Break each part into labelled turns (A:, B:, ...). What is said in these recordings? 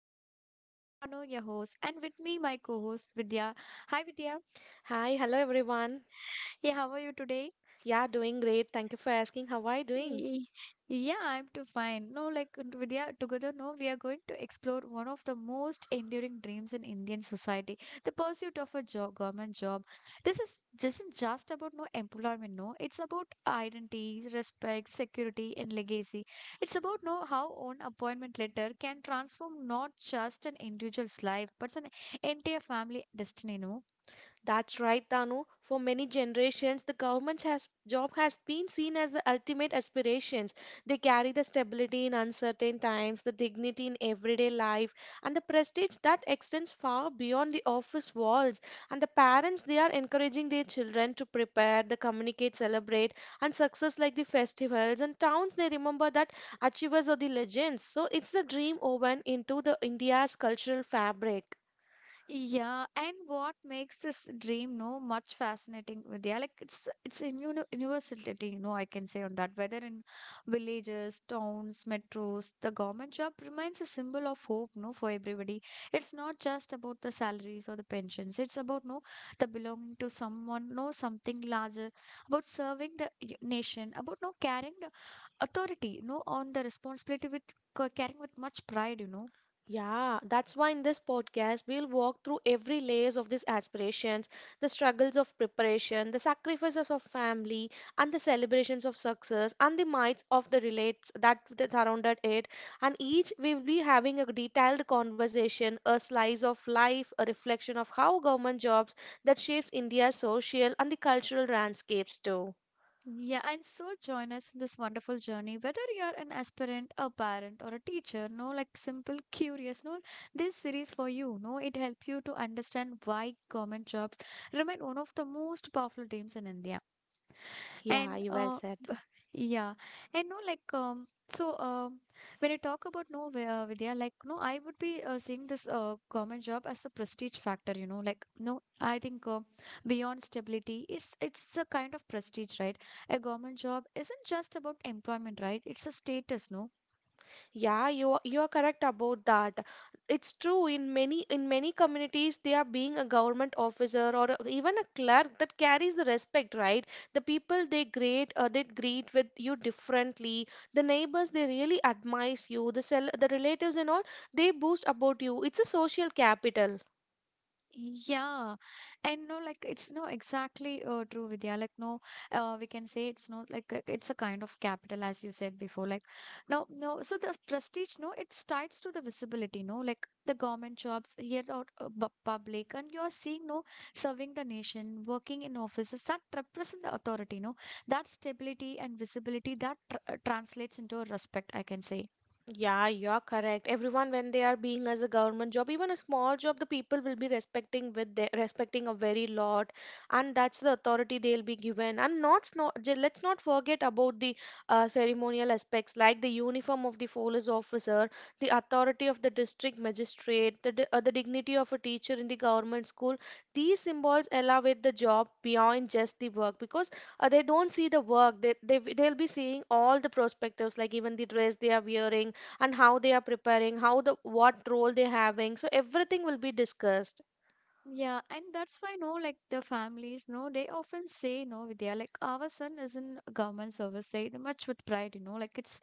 A: in India. I am Dano, your host, and with me my co-host Vidya. Hi Vidya.
B: Hi, hello everyone.
A: Yeah, how are you today?
B: Yeah, doing great. Thank you for asking. How are you doing?
A: Y- Yeah, I'm too fine. No, like Vidya, together, no, we are going to explore one of the most enduring dreams in Indian society, the pursuit of a job, government job. This is just isn't just about no employment, no. It's about identity, respect, security, and legacy. It's about no how own appointment letter can transform not just an individual's life, but an entire family destiny, no.
B: That's right, Tanu. For many generations, the government has, job has been seen as the ultimate aspirations. They carry the stability in uncertain times, the dignity in everyday life, and the prestige that extends far beyond the office walls. And the parents, they are encouraging their children to prepare, the communicate, celebrate, and success like the festivals and towns. They remember that achievers are the legends. So it's the dream woven into the India's cultural fabric.
A: Yeah, and what makes this dream no much fascinating, Vidya? Like it's in universality, no, I can say on that. Whether in villages, towns, metros, the government job remains a symbol of hope, no, for everybody. It's not just about the salaries or the pensions. It's about no the belonging to someone, no something larger, about serving the nation, about no carrying the authority, no on the responsibility with carrying with much pride, you know.
B: Yeah, that's why in this podcast, we'll walk through every layers of these aspirations, the struggles of preparation, the sacrifices of family, and the celebrations of success, and the myths of the relates that surrounded it. And each we'll be having a detailed conversation, a slice of life, a reflection of how government jobs that shapes India's social and the cultural landscapes too.
A: Yeah, and so join us in this wonderful journey. Whether you're an aspirant, a parent, or a teacher, no, like simple, curious, no, this series for you, no, it help you to understand why government jobs remain one of the most powerful dreams in India and
B: Yeah, you well said.
A: yeah and no like so when you talk about no Vidya, like no I would be seeing this government job as a prestige factor, you know. Like no, I think beyond stability, is it's a kind of prestige, right? A government job isn't just about employment, right? It's a status, no.
B: Yeah, you are correct about that. It's true in many communities they are being a government officer or even a clerk that carries the respect, right? The people they greet with you differently. The neighbors they really admire you. The cell the relatives and all they boast about you. It's a social capital.
A: Yeah, and no, like it's no exactly true, Vidya. Like no, we can say it's not like it's a kind of capital, as you said before. Like no, no. So the prestige, no, it's tied to the visibility, no. Like the government jobs here out public, and you're seeing no serving the nation, working in offices that represent the authority, no. That stability and visibility that tr translates into a respect, I can say.
B: Yeah, you're correct. Everyone, when they are being as a government job, even a small job, the people will be respecting with their, respecting a very lot, and that's the authority they'll be given. And not, not let's not forget about the ceremonial aspects like the uniform of the police officer, the authority of the district magistrate, the the dignity of a teacher in the government school. These symbols elevate the job beyond just the work because they don't see the work. They they'll be seeing all the perspectives, like even the dress they are wearing and how they are preparing, how the what role they're having. So everything will be discussed.
A: Yeah, and that's why no, like the families, no, they often say no, Vidya, like our son is in government service, They Much with pride, you know, like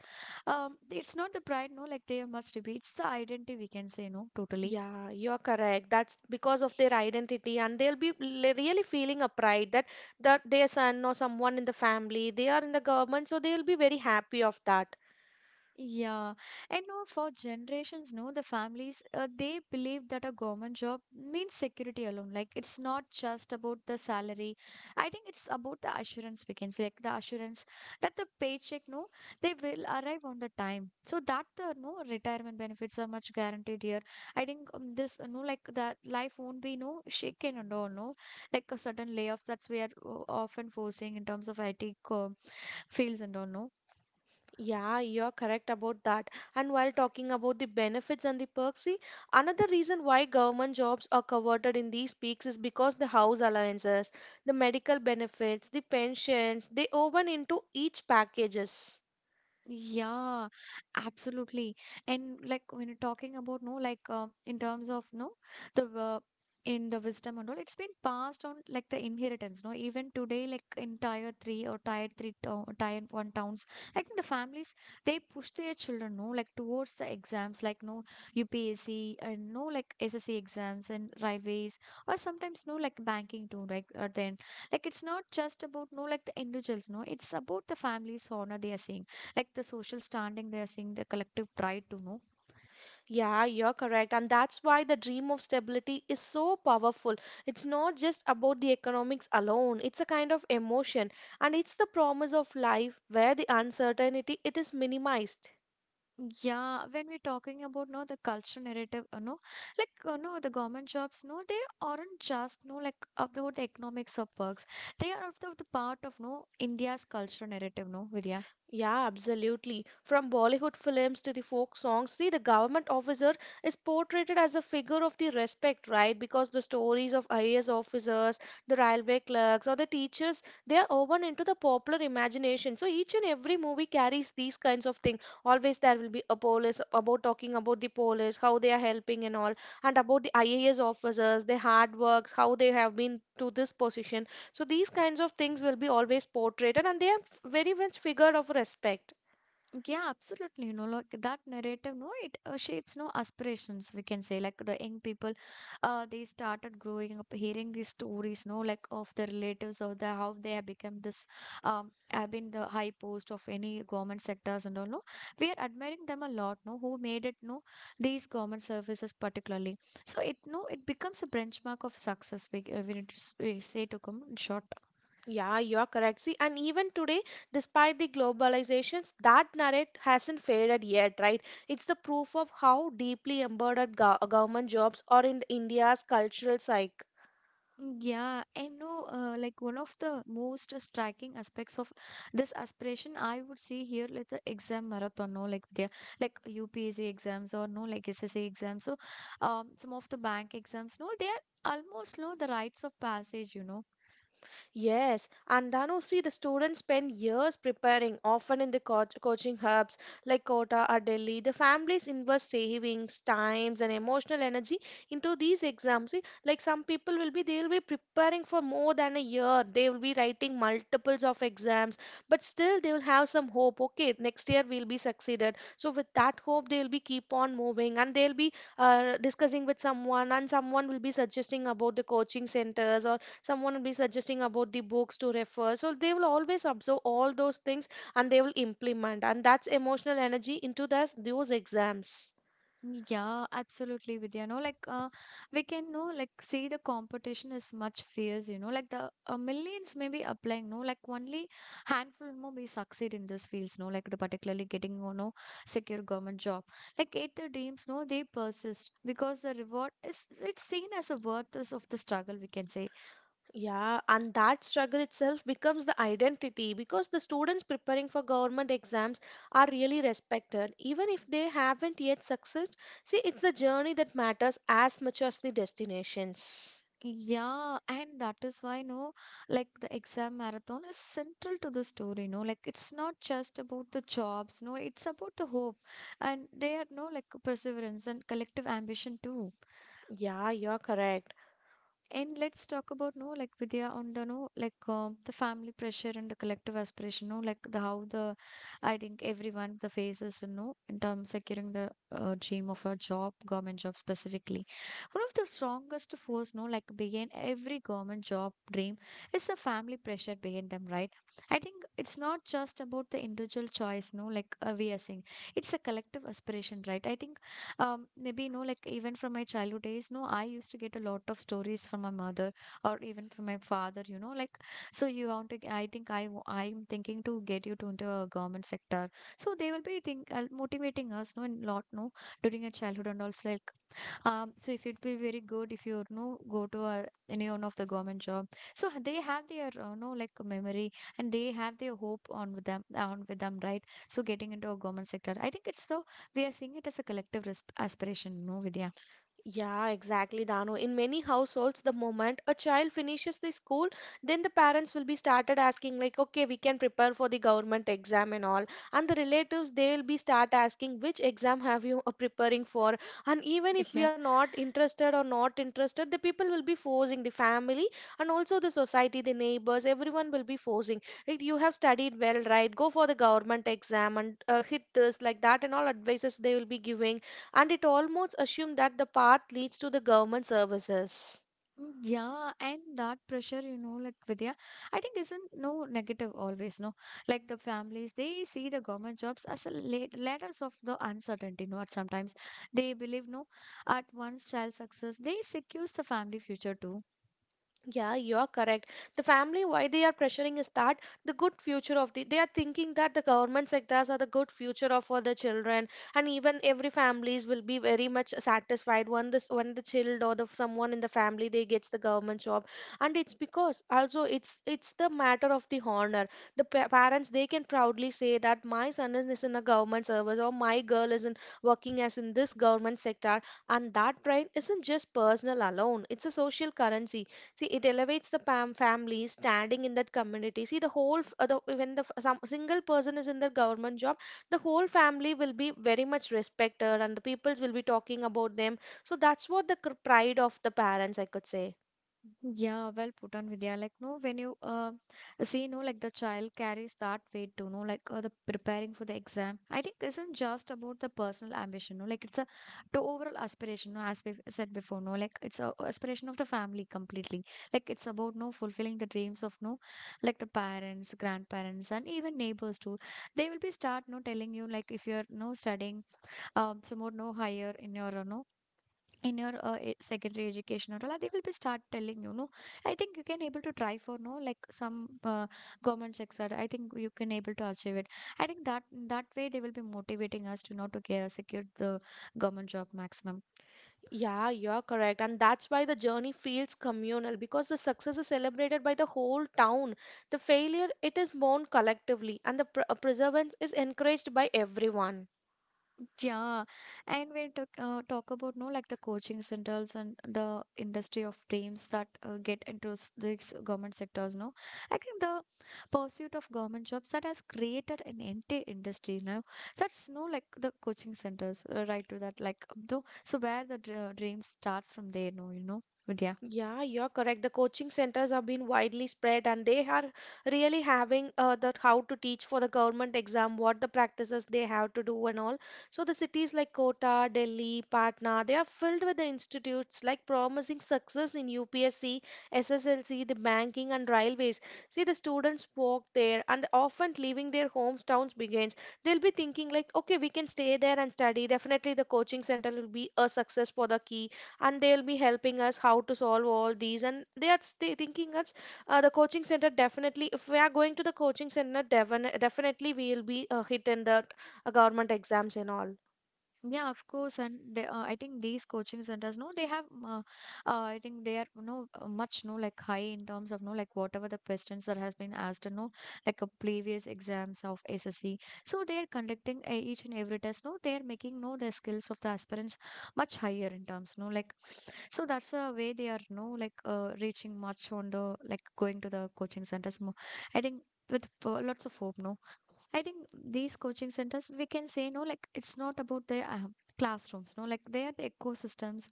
A: it's not the pride, no, like they are much to be. It's the identity we can say no, totally.
B: Yeah, you're correct. That's because of their identity, and they'll be really feeling a pride that their son or someone in the family, they are in the government, so they'll be very happy of that.
A: Yeah, and know. For generations, no, the families they believe that a government job means security alone. Like it's not just about the salary. I think it's about the assurance we can say, like the assurance that the paycheck, no, they will arrive on the time. So that the no retirement benefits are much guaranteed here. I think this no like that life won't be no shaken and all no like a certain layoffs that's we are often forcing in terms of IT fields and all no.
B: Yeah, you're correct about that. And while talking about the benefits and the perks, see, another reason why government jobs are converted in these peaks is because the house allowances, the medical benefits, the pensions, they woven into each packages.
A: Yeah, absolutely. And like when you're talking about no, like in terms of no, the in the wisdom and all, it's been passed on like the inheritance. No, even today, like in tier three or tier three town, tier one towns, I think the families they push their children no, like towards the exams, like no UPSC and no like SSC exams and railways or sometimes no like banking too. Like at the end, like it's not just about no like the individuals. No, it's about the families' honor they are saying like the social standing they are seeing the collective pride to know.
B: Yeah, you're correct. And that's why the dream of stability is so powerful. It's not just about the economics alone, it's a kind of emotion. And it's the promise of life where the uncertainty it is minimized.
A: Yeah, when we're talking about no the culture narrative, you know, like you know the government jobs no they aren't just no like about the economics of perks, they are of the part of no india's culture narrative, no, vidya.
B: Yeah, absolutely. From Bollywood films to the folk songs, see, the government officer is portrayed as a figure of the respect, right? Because the stories of IAS officers, the railway clerks, or the teachers, they are woven into the popular imagination. So each and every movie carries these kinds of things. Always there will be a police about talking about the police, how they are helping and all, and about the IAS officers, their hard works, how they have been to this position. So these kinds of things will be always portrayed and they are very much figured of respect.
A: Yeah, absolutely. You know, like that narrative, no, it shapes no aspirations. We can say like the young people, they started growing up, hearing these stories, no, like of their relatives or the how they have become this, have been the high post of any government sectors and all. No, we are admiring them a lot. No, who made it? No, these government services particularly. So it no, it becomes a benchmark of success. We need to we say to come in short.
B: Yeah, you are correct. See, and even today, despite the globalizations, that narrative hasn't faded yet, right? It's the proof of how deeply embedded government jobs are in India's cultural psyche.
A: Yeah, and no, like one of the most striking aspects of this aspiration, I would see here, like the exam marathon, no, like UPSC exams or no, like SSA exams. So, some of the bank exams, no, they are almost no the rites of passage, you know.
B: Yes, and Dhanushri, the students spend years preparing, often in the coaching hubs like Kota or Delhi. The families invest savings, times, and emotional energy into these exams. See, like some people will be, they will be preparing for more than a year. They will be writing multiples of exams, but still they will have some hope. Okay, next year we'll be succeeded. So with that hope, they'll be keep on moving, and they'll be discussing with someone, and someone will be suggesting about the coaching centers or someone will be suggesting about the books to refer, so they will always observe all those things and they will implement, and that's emotional energy into those exams.
A: Yeah, absolutely, Vidya. No, like we can know, like see the competition is much fierce. You know, like the millions may be applying. No, like only handful more may succeed in this fields. No, like the particularly getting you know secure government job. Like eight the dreams. No, they persist because the reward is it's seen as a worth is of the struggle. We can say.
B: Yeah, and that struggle itself becomes the identity because the students preparing for government exams are really respected, even if they haven't yet succeeded. See, it's the journey that matters as much as the destinations.
A: Yeah, and that is why, no, like the exam marathon is central to the story, no, like it's not just about the jobs, no, it's about the hope and they are, no, like perseverance and collective ambition too.
B: Yeah, you're correct.
A: And let's talk about no like Vidya on the no like the family pressure and the collective aspiration, no, like the how the I think everyone the faces, you know, in terms securing the dream of a job government job specifically. One of the strongest force no like behind every government job dream is the family pressure behind them, right? I think it's not just about the individual choice, no, like we are saying it's a collective aspiration, right? I think maybe you know like even from my childhood days no I used to get a lot of stories from my mother or even from my father, you know, like so you want to, I think I'm thinking to get you to into a government sector. So they will be think motivating us no in lot no during a childhood and also like so if it will very good if you know go to a, any one of the government job. So they have their know like a memory and they have their hope on with them, right. So getting into a government sector, I think it's so we are seeing it as a collective aspiration. No, Vidya.
B: Yeah, exactly, Dano. In many households, the moment a child finishes the school, then the parents will be started asking like, okay, we can prepare for the government exam and all. And the relatives, they will be start asking which exam have you are preparing for. And even if we
A: Yeah.
B: are not interested or not interested, the people will be forcing the family and also the society, the neighbors, everyone will be forcing. Right? You have studied well, right? Go for the government exam and hit this like that and all advices they will be giving, and it almost assumes that the path leads to the government services.
A: Mm, yeah, and that pressure, you know, like Vidya, I think isn't no negative always, no. Like the families, they see the government jobs as a late letters of the uncertainty, no. At sometimes they believe, no, at once child success, they secures the family future too.
B: Yeah, you're correct. The family, why they are pressuring is that the good future of the, they are thinking that the government sectors are the good future of all the children, and even every families will be very much satisfied when this when the child or the someone in the family they gets the government job, and it's because also it's the matter of the honor. The pa parents they can proudly say that my son is in a government service or my girl is in working as in this government sector, and that pride isn't just personal alone; it's a social currency. See, it elevates the family standing in that community. See, the whole, the, when the some single person is in the government job, the whole family will be very much respected, and the peoples will be talking about them. So that's what the pride of the parents, I could say.
A: Yeah, well put on Vidya. Like, no, when you see, no, like the child carries that weight too, no, like the preparing for the exam. I think isn't just about the personal ambition, no, like it's a the overall aspiration, no, as we said before, no, like it's a aspiration of the family completely. Like it's about no fulfilling the dreams of no, like the parents, grandparents, and even neighbors too. They will be start no telling you like if you're no studying some more no higher in your no in your secondary education or all, they will be start telling you no I think you can able to try for no like some government sector. I think you can able to achieve it, I think that way they will be motivating us to not to care secure the government job maximum.
B: Yeah, you're correct, and that's why the journey feels communal because the success is celebrated by the whole town. The failure, it is mourned collectively, and the perseverance is encouraged by everyone.
A: Yeah, and when talk about no like the coaching centers and the industry of dreams that get into these government sectors, no, I think the pursuit of government jobs that has created an entire industry now. That's no like the coaching centers right to that like though so where the dream starts from there, no, you know, but yeah.
B: Yeah, you're correct. The coaching centers have been widely spread and they are really having the how to teach for the government exam, what the practices they have to do and all. So the cities like Kota, Delhi, Patna, they are filled with the institutes like promising success in UPSC, SSLC, the banking and railways. See, the students walk there and often leaving their homes, towns begins. They'll be thinking like, okay, we can stay there and study. Definitely the coaching center will be a success for the key, and they'll be helping us how to solve all these and they are thinking us the coaching center definitely if we are going to the coaching center definitely we will be hit in the government exams and all.
A: Yeah, of course, and they, I think these coaching centers, no, they have, I think they are, no, much, no, like high in terms of, no, like whatever the questions that has been asked, no, like a previous exams of SSC. So they are conducting each and every test, no, they are making, no, the skills of the aspirants much higher in terms, no, like, so that's a way they are, no, like, reaching much on the, like, going to the coaching centers more. I think with lots of hope, no. I think these coaching centers, we can say, no, like it's not about the classrooms, no, like they are the ecosystems,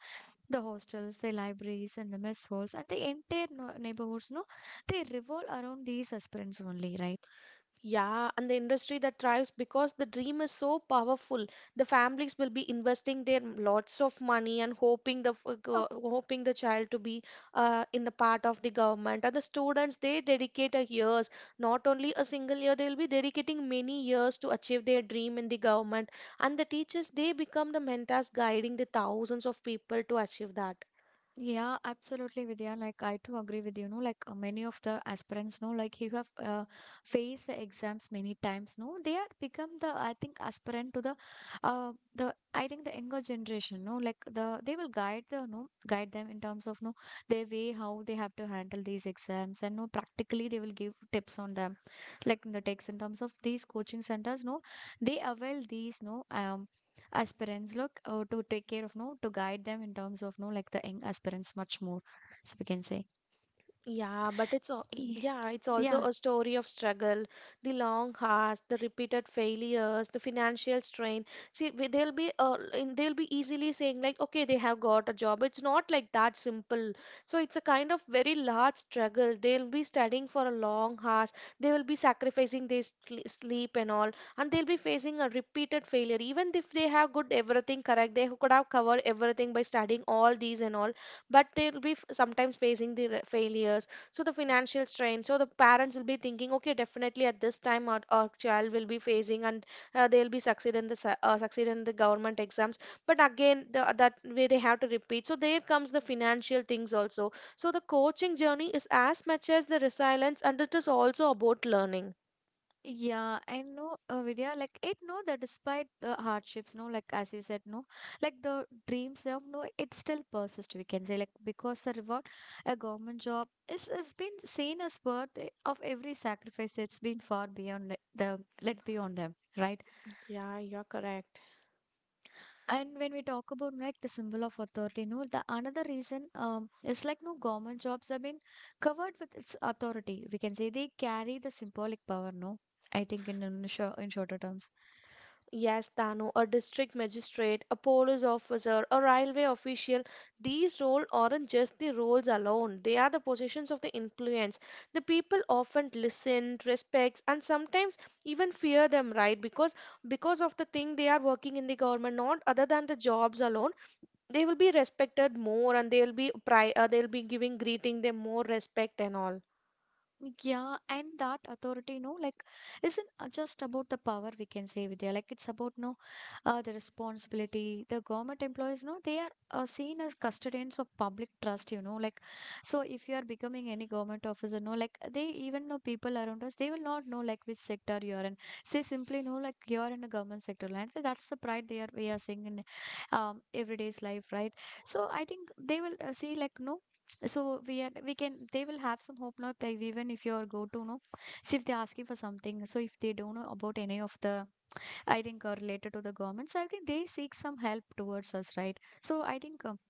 A: the hostels, the libraries, and the mess halls, and the entire neighborhoods, no, they revolve around these aspirants only, right?
B: Yeah, and the industry that thrives because the dream is so powerful. The families will be investing their lots of money and hoping the hoping the child to be in the part of the government. And the students they dedicate a years, not only a single year. They will be dedicating many years to achieve their dream in the government. And the teachers they become the mentors guiding the thousands of people to achieve that.
A: Yeah, absolutely, Vidya. Like, I too agree with you, no? Like, many of the aspirants, no? Like, you have faced the exams many times, no? They are become the, I think, aspirant to the, I think the younger generation, no? Like, the, they will guide the, no? Guide them in terms of, no? Their way, how they have to handle these exams, and no, practically, they will give tips on them. Like, in the text, in terms of these coaching centers, no? They avail these, no? As parents look to take care of no to guide them in terms of no like the young aspirants much more so we can say.
B: Yeah, but it's al-
A: Ye-
B: yeah, it's also
A: yeah.
B: a story of struggle, the long hours, the repeated failures, the financial strain. See, they'll be they'll be easily saying like, okay, they have got a job. It's not like that simple. So it's a kind of very large struggle. They'll be studying for a long hours. They will be sacrificing their sleep and all, and they'll be facing a repeated failure. Even if they have good everything correct, they could have covered everything by studying all these and all, but they'll be sometimes facing the failures, so the financial strain, so the parents will be thinking okay definitely at this time our child will be facing and they'll be succeed in the succeed in the government exams, but again the, that way they have to repeat, so there comes the financial things also, so the coaching journey is as much as the resilience and it is also about learning.
A: Yeah, I know, Vidya, like it no that despite the hardships no like as you said no like the dreams of no it still persists, we can say, like because the reward a government job is has been seen as worth of every sacrifice that's been far beyond like, the let beyond them, right?
B: Yeah, you're correct.
A: And when we talk about like the symbol of authority no the another reason, is like no government jobs have been covered with its authority, we can say they carry the symbolic power no I think in in shorter terms.
B: Yes, Dano, a district magistrate, a police officer, a railway official, these roles aren't just the roles alone. They are the positions of the influence. The people often listen, respect, and sometimes even fear them, right? Because of the thing they are working in the government, not other than the jobs alone, they will be respected more, and they'll be pri they'll be giving greeting them more respect and all.
A: Yeah, and that authority, no, like, isn't just about the power, we can say, Vidya. Like, it's about no, the responsibility. The government employees, no, they are seen as custodians of public trust. You know, like, so if you are becoming any government officer, no, like, they even know people around us, they will not know like which sector you are in. They simply know like you are in a government sector, and so that's the pride they are we are seeing in everyday's life, right? So I think they will see like no so we are we can they will have some hope not like even if you go to know see if they're asking for something so if they don't know about any of the I think are related to the government so I think they seek some help towards us, right? So I think,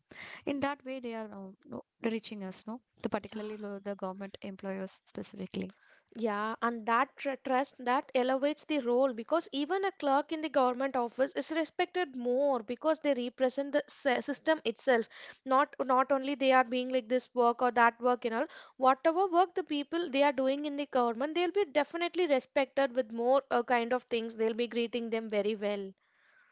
A: in that way they are, no, reaching us no the particularly the government employers specifically.
B: Yeah, and that trust that elevates the role because even a clerk in the government office is respected more because they represent the system itself. Not only they are being like this work or that work and all. Whatever work the people they are doing in the government, they'll be definitely respected with more kind of things. They'll be greeting them very well.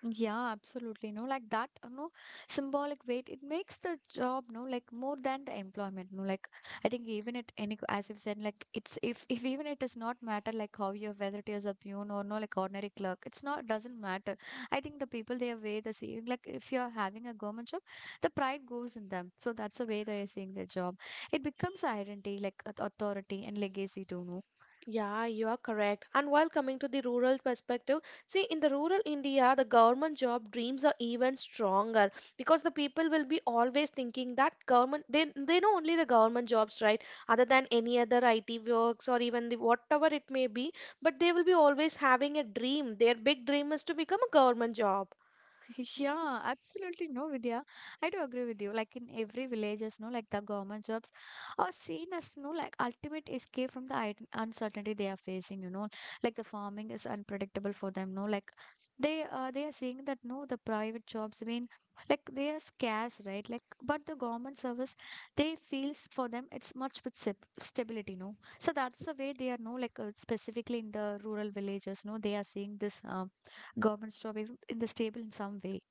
A: Yeah, absolutely. No, like that, you know, symbolic weight, it makes the job, no, like more than the employment. No, like I think even it any as you've said, like it's if even it does not matter like how you whether it is a peon or no like ordinary clerk, it's not doesn't matter. I think the people they are way the same. Like if you're having a government job, the pride goes in them. So that's the way they are seeing their job. It becomes identity, like authority and legacy too, no.
B: Yeah, you are correct. And while coming to the rural perspective, see, in the rural India, the government job dreams are even stronger because the people will be always thinking that government, they know only the government jobs, right? Other than any other IT works or even the whatever it may be, but they will be always having a dream. Their big dream is to become a government job.
A: Yeah, absolutely no, Vidya. I do agree with you. Like in every villages, no, like the government jobs are seen as no, like ultimate escape from the uncertainty they are facing. You know, like the farming is unpredictable for them. No, like they are seeing that no, the private jobs. I mean, like they are scarce, right? Like, but the government service, they feels for them it's much with stability. No, so that's the way they are. No, like specifically in the rural villages, no, they are seeing this. Government's job in the stable in some way.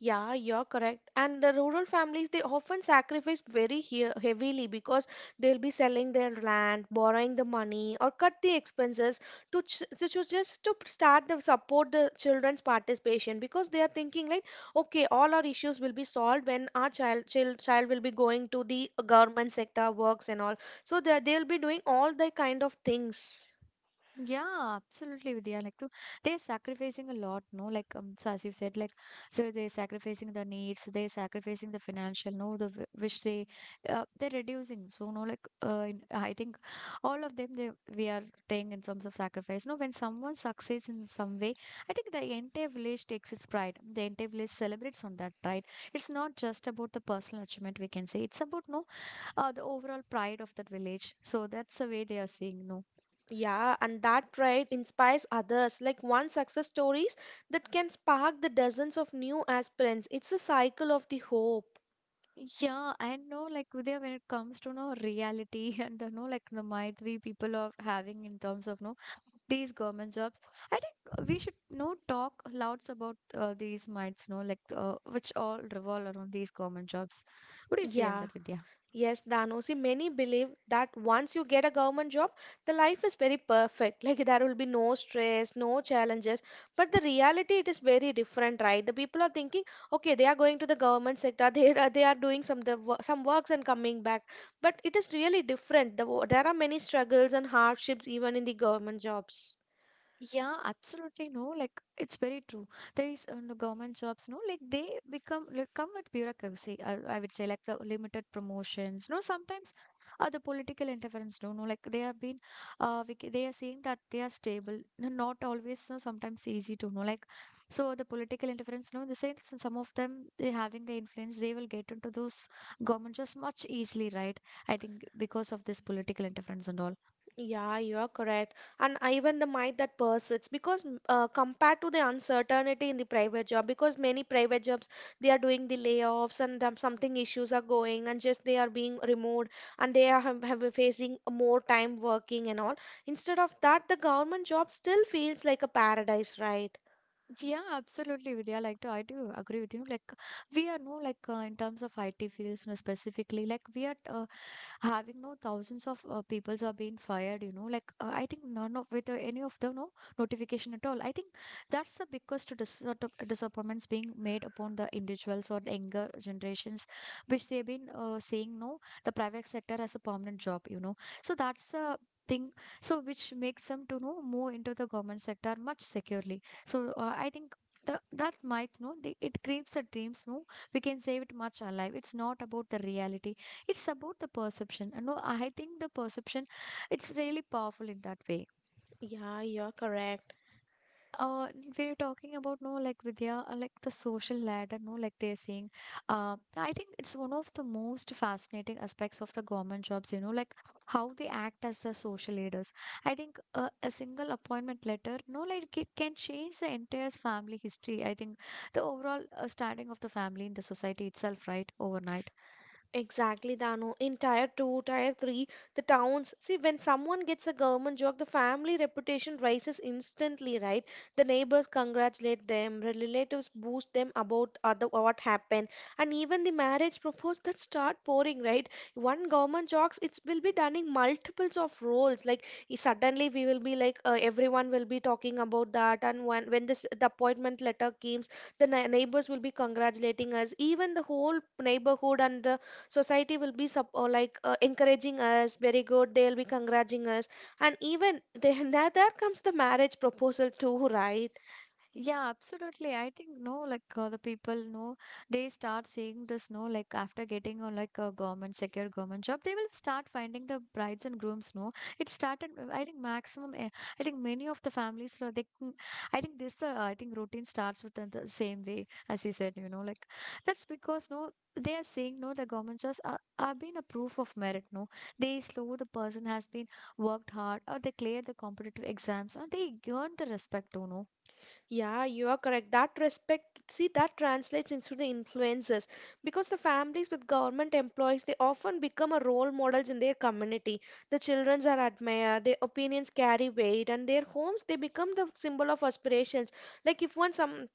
B: Yeah, you're correct. And the rural families, they often sacrifice very heavily because they'll be selling their land, borrowing the money, or cut the expenses to, ch to cho- just to start the support the children's participation because they are thinking like, okay, all our issues will be solved when our child will be going to the government sector works and all. So they'll be doing all the kind of things.
A: Yeah, absolutely, Vidya. Like to, they're sacrificing a lot, no? Like so as you said, like so they're sacrificing the needs, they're sacrificing the financial, no, the which they they're reducing. So no, like in, I think all of them they we are paying in terms of sacrifice. No, when someone succeeds in some way, I think the entire village takes its pride. The entire village celebrates on that, right? It's not just about the personal achievement. We can say it's about no the overall pride of that village. So that's the way they are seeing, no.
B: Yeah, and that trait inspires others, like one success stories that can spark the dozens of new aspirants. It's a cycle of the hope.
A: Yeah, I know, like Vidya, when it comes to no reality and you know, like the might we people are having in terms of no these government jobs, I think we should no talk louds about these mites, no, like which all revolve around these government jobs. What do you say on
B: Yeah.
A: that, Vidya?
B: Yes, Danosi, many believe that once you get a government job, the life is very perfect. Like there will be no stress, no challenges. But the reality, it is very different, right? The people are thinking, okay, they are going to the government sector, they are doing some some works and coming back. But it is really different. There are many struggles and hardships even in the government jobs.
A: Yeah, absolutely no. Like it's very true. There is no government jobs, no. Like they become like come with bureaucracy. I would say like the limited promotions. No, sometimes the political interference. No, no. Like they are being, they are saying that they are stable. No, not always. No, sometimes easy to know. Like so the political interference. No, they say some of them they having the influence. They will get into those government jobs much easily, right? I think because of this political interference and all.
B: Yeah, you are correct. And even the might that persists because compared to the uncertainty in the private job, because many private jobs they are doing the layoffs and them, something issues are going and just they are being removed and they are have been facing more time working and all. Instead of that, the government job still feels like a paradise, right?
A: Yeah, absolutely, Vidya. Like, I do agree with you. Like, we are no like in terms of IT fields, no, specifically. Like, we are having no thousands of peoples are being fired. You know, like I think none of with any of the no notification at all. I think that's the biggest sort of disappointments being made upon the individuals or the younger generations, which they've been saying no the private sector as a permanent job. You know, so that's the thing so which makes them to know move into the government sector much securely so, I think the, that might no the, it creates the dreams no we can save it much alive it's not about the reality, it's about the perception and no I think the perception it's really powerful in that way.
B: Yeah, you're correct.
A: uh, we're talking about no like Vidya, like the social ladder, no like they're saying. I think it's one of the most fascinating aspects of the government jobs. You know, like how they act as the social leaders. I think a single appointment letter, no like it can change the entire family history. I think the overall standing of the family in the society itself, right, overnight.
B: Exactly, Dano. In tier two, tier three, the towns. See, when someone gets a government job, the family reputation rises instantly, right? The neighbors congratulate them, relatives boost them about other what happened, and even the marriage proposals that start pouring, right? One government jobs, it will be done in multiples of roles. Like suddenly we will be like everyone will be talking about that, and when this the appointment letter comes, the neighbors will be congratulating us. Even the whole neighborhood and the society will be encouraging us very good. They'll be congratulating us, and even then there comes the marriage proposal too, right?
A: Yeah, absolutely. I think no, like the people know they start seeing this. No, like after getting on like a government secure government job, they will start finding the brides and grooms. No, it started. I think maximum. I think many of the families. I think this. I think routine starts with the same way as you said. You know, like that's because no. They are saying no, the government jobs are being a proof of merit. No, they slow the person has been worked hard, or they clear the competitive exams, or they earn the respect. You know,
B: Yeah, you are correct, that respect. See, that translates into the influences because the families with government employees, they often become a role models in their community. The children are admired, their opinions carry weight, and their homes, they become the symbol of aspirations. Like if one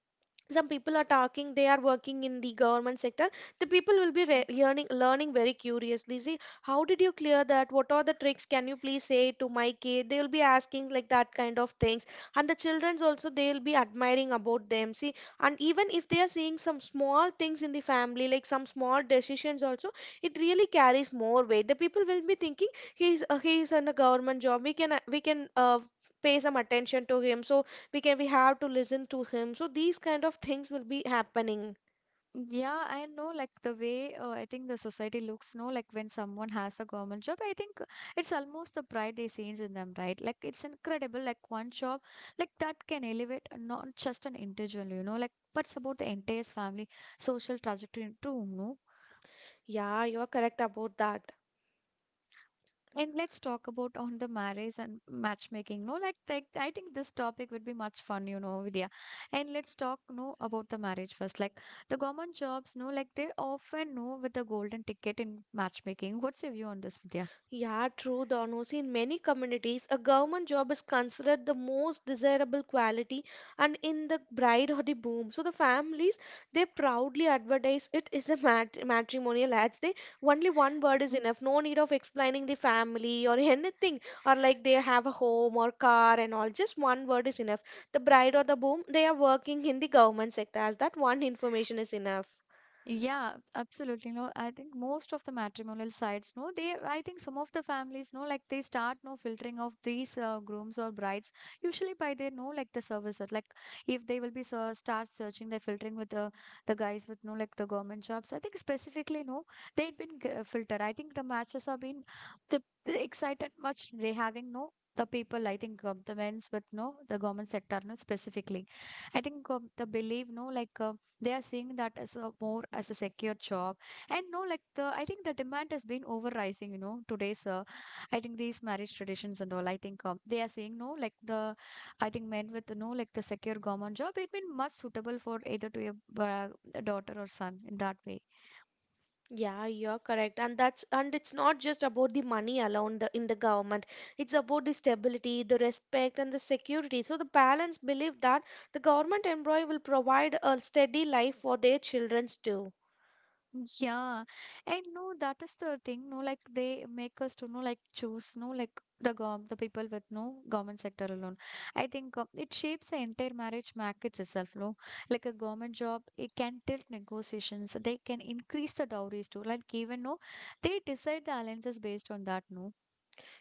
B: some people are talking they are working in the government sector, the people will be learning very curiously, see, how did you clear that, what are the tricks, can you please say to my kid, they will be asking like that kind of things. And the children's also, they will be admiring about them, see. And even if they are seeing some small things in the family, like some small decisions also, it really carries more weight. The people will be thinking, he is in a government job, we can pay some attention to him, so we can, we have to listen to him. So these kind of things will be happening.
A: yeah, I know, like the way I think the society looks, no, like when someone has a government job, I think it's almost the pride they see in them, right? Like it's incredible, like one job, like that can elevate not just an individual, you know, like but it's about the entire family social trajectory too, no?
B: Yeah, you are correct about that.
A: And let's talk about on the marriage and matchmaking. No, like I think this topic would be much fun, you know, Vidya. And let's talk, no, about the marriage first. Like the government jobs, no, like they often know with the golden ticket in matchmaking. What's your view on this, Vidya?
B: Yeah, true, Donos. In many communities, a government job is considered the most desirable quality and in the bride or the boom. So the families, they proudly advertise it is a matrimonial ads. They only one word is enough. No need of explaining the family or anything or like they have a home or car and all. Just one word is enough. The bride or the boom, they are working in the government sector as that one information is enough.
A: Yeah, absolutely. No, I think most of the matrimonial sites, no, they, I think some of the families, no, like they start, no, filtering of these grooms or brides, usually by their, no, like the services. Like if they will be so, start searching, they're filtering with the guys with, no, like the government jobs. I think specifically, no, they'd been filtered. I think the matches have been the excited much they having, no, the people, I think the men's with, no, the government sector, no, specifically. I think the belief, no, like, they are seeing that as a more as a secure job and no like the I think the demand has been over rising, you know today's, I think these marriage traditions and all I think, they are saying no like the I think men with no like the secure government job it been much suitable for either to a daughter or son in that way.
B: Yeah, you're correct. And that's and it's not just about the money alone the, in the government. It's about the stability, the respect, and the security. So the parents believe that the government employee will provide a steady life for their children too.
A: Yeah, and no, that is the thing. No, like they make us to know, like choose, no, like the gov, the people with no government sector alone. I think it shapes the entire marriage market itself. No, like a government job, it can tilt negotiations. They can increase the dowries too. Like even no, they decide the alliances based on that. No,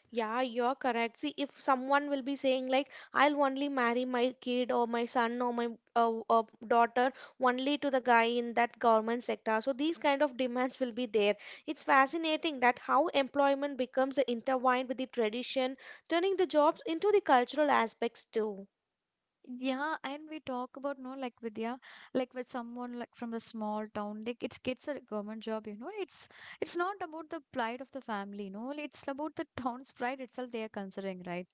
B: Yeah, you're correct. See, if someone will be saying like, I'll only marry my kid or my son or my daughter only to the guy in that government sector. So these kind of demands will be there. It's fascinating that how employment becomes intertwined with the tradition, turning the jobs into the cultural aspects too.
A: yeah, and we talk about no like Vidya, like with someone like from the small town, like it's gets a government job, you know. It's not about the pride of the family, no. It's about the town's pride itself they are considering, right?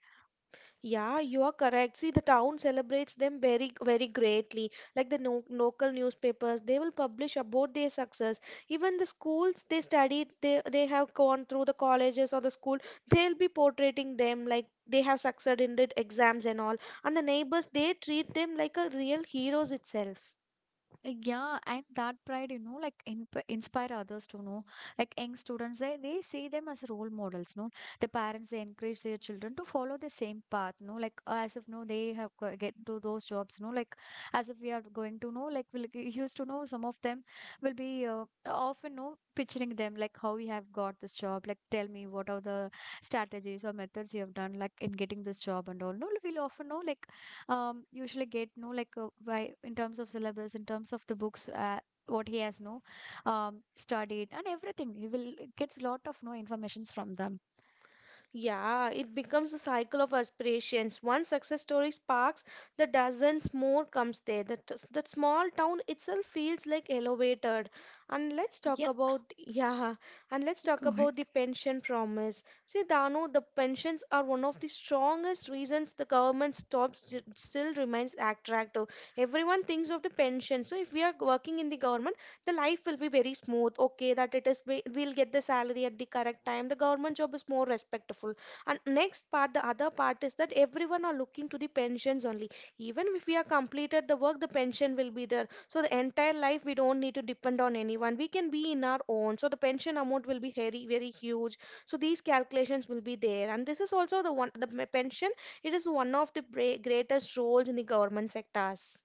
B: Yeah, you are correct. See, the town celebrates them very, very greatly. Like the no local newspapers, they will publish about their success. Even the schools they studied, they have gone through the colleges or the school, they'll be portraying them like they have succeeded in the exams and all. And the neighbors, they treat them like a real heroes itself.
A: Yeah, and that pride, you know, like inp inspire others to know. Like young students, they see them as role models, no? The parents, they encourage their children to follow the same path, no? Like as if, no, they have get to those jobs, no? Like as if we are going to know, like we'll, used to know some of them will be often, no, picturing them, like how we have got this job. Like tell me what are the strategies or methods you have done, like in getting this job and all. No, we'll often know, like usually get no like why in terms of syllabus in terms of the books what he has no studied and everything he will gets lot of no informations from them.
B: Yeah, it becomes a cycle of aspirations. One success story sparks, the dozens more comes there. The, the small town itself feels like elevated. And let's talk
A: Yeah,
B: about, yeah, and let's talk
A: go ahead.
B: about the pension promise. See, Dano, the pensions are one of the strongest reasons the government still remains attractive. Everyone thinks of the pension. So if we are working in the government, the life will be very smooth. Okay, that it is, we'll get the salary at the correct time. The government job is more respectful, and next part, the other part is that everyone are looking to the pensions only. Even if we are completed the work, the pension will be there, so the entire life we don't need to depend on anyone, we can be in our own. So the pension amount will be very very huge. So these calculations will be there, and this is also the one, the pension, it is one of the greatest roles in the government sectors.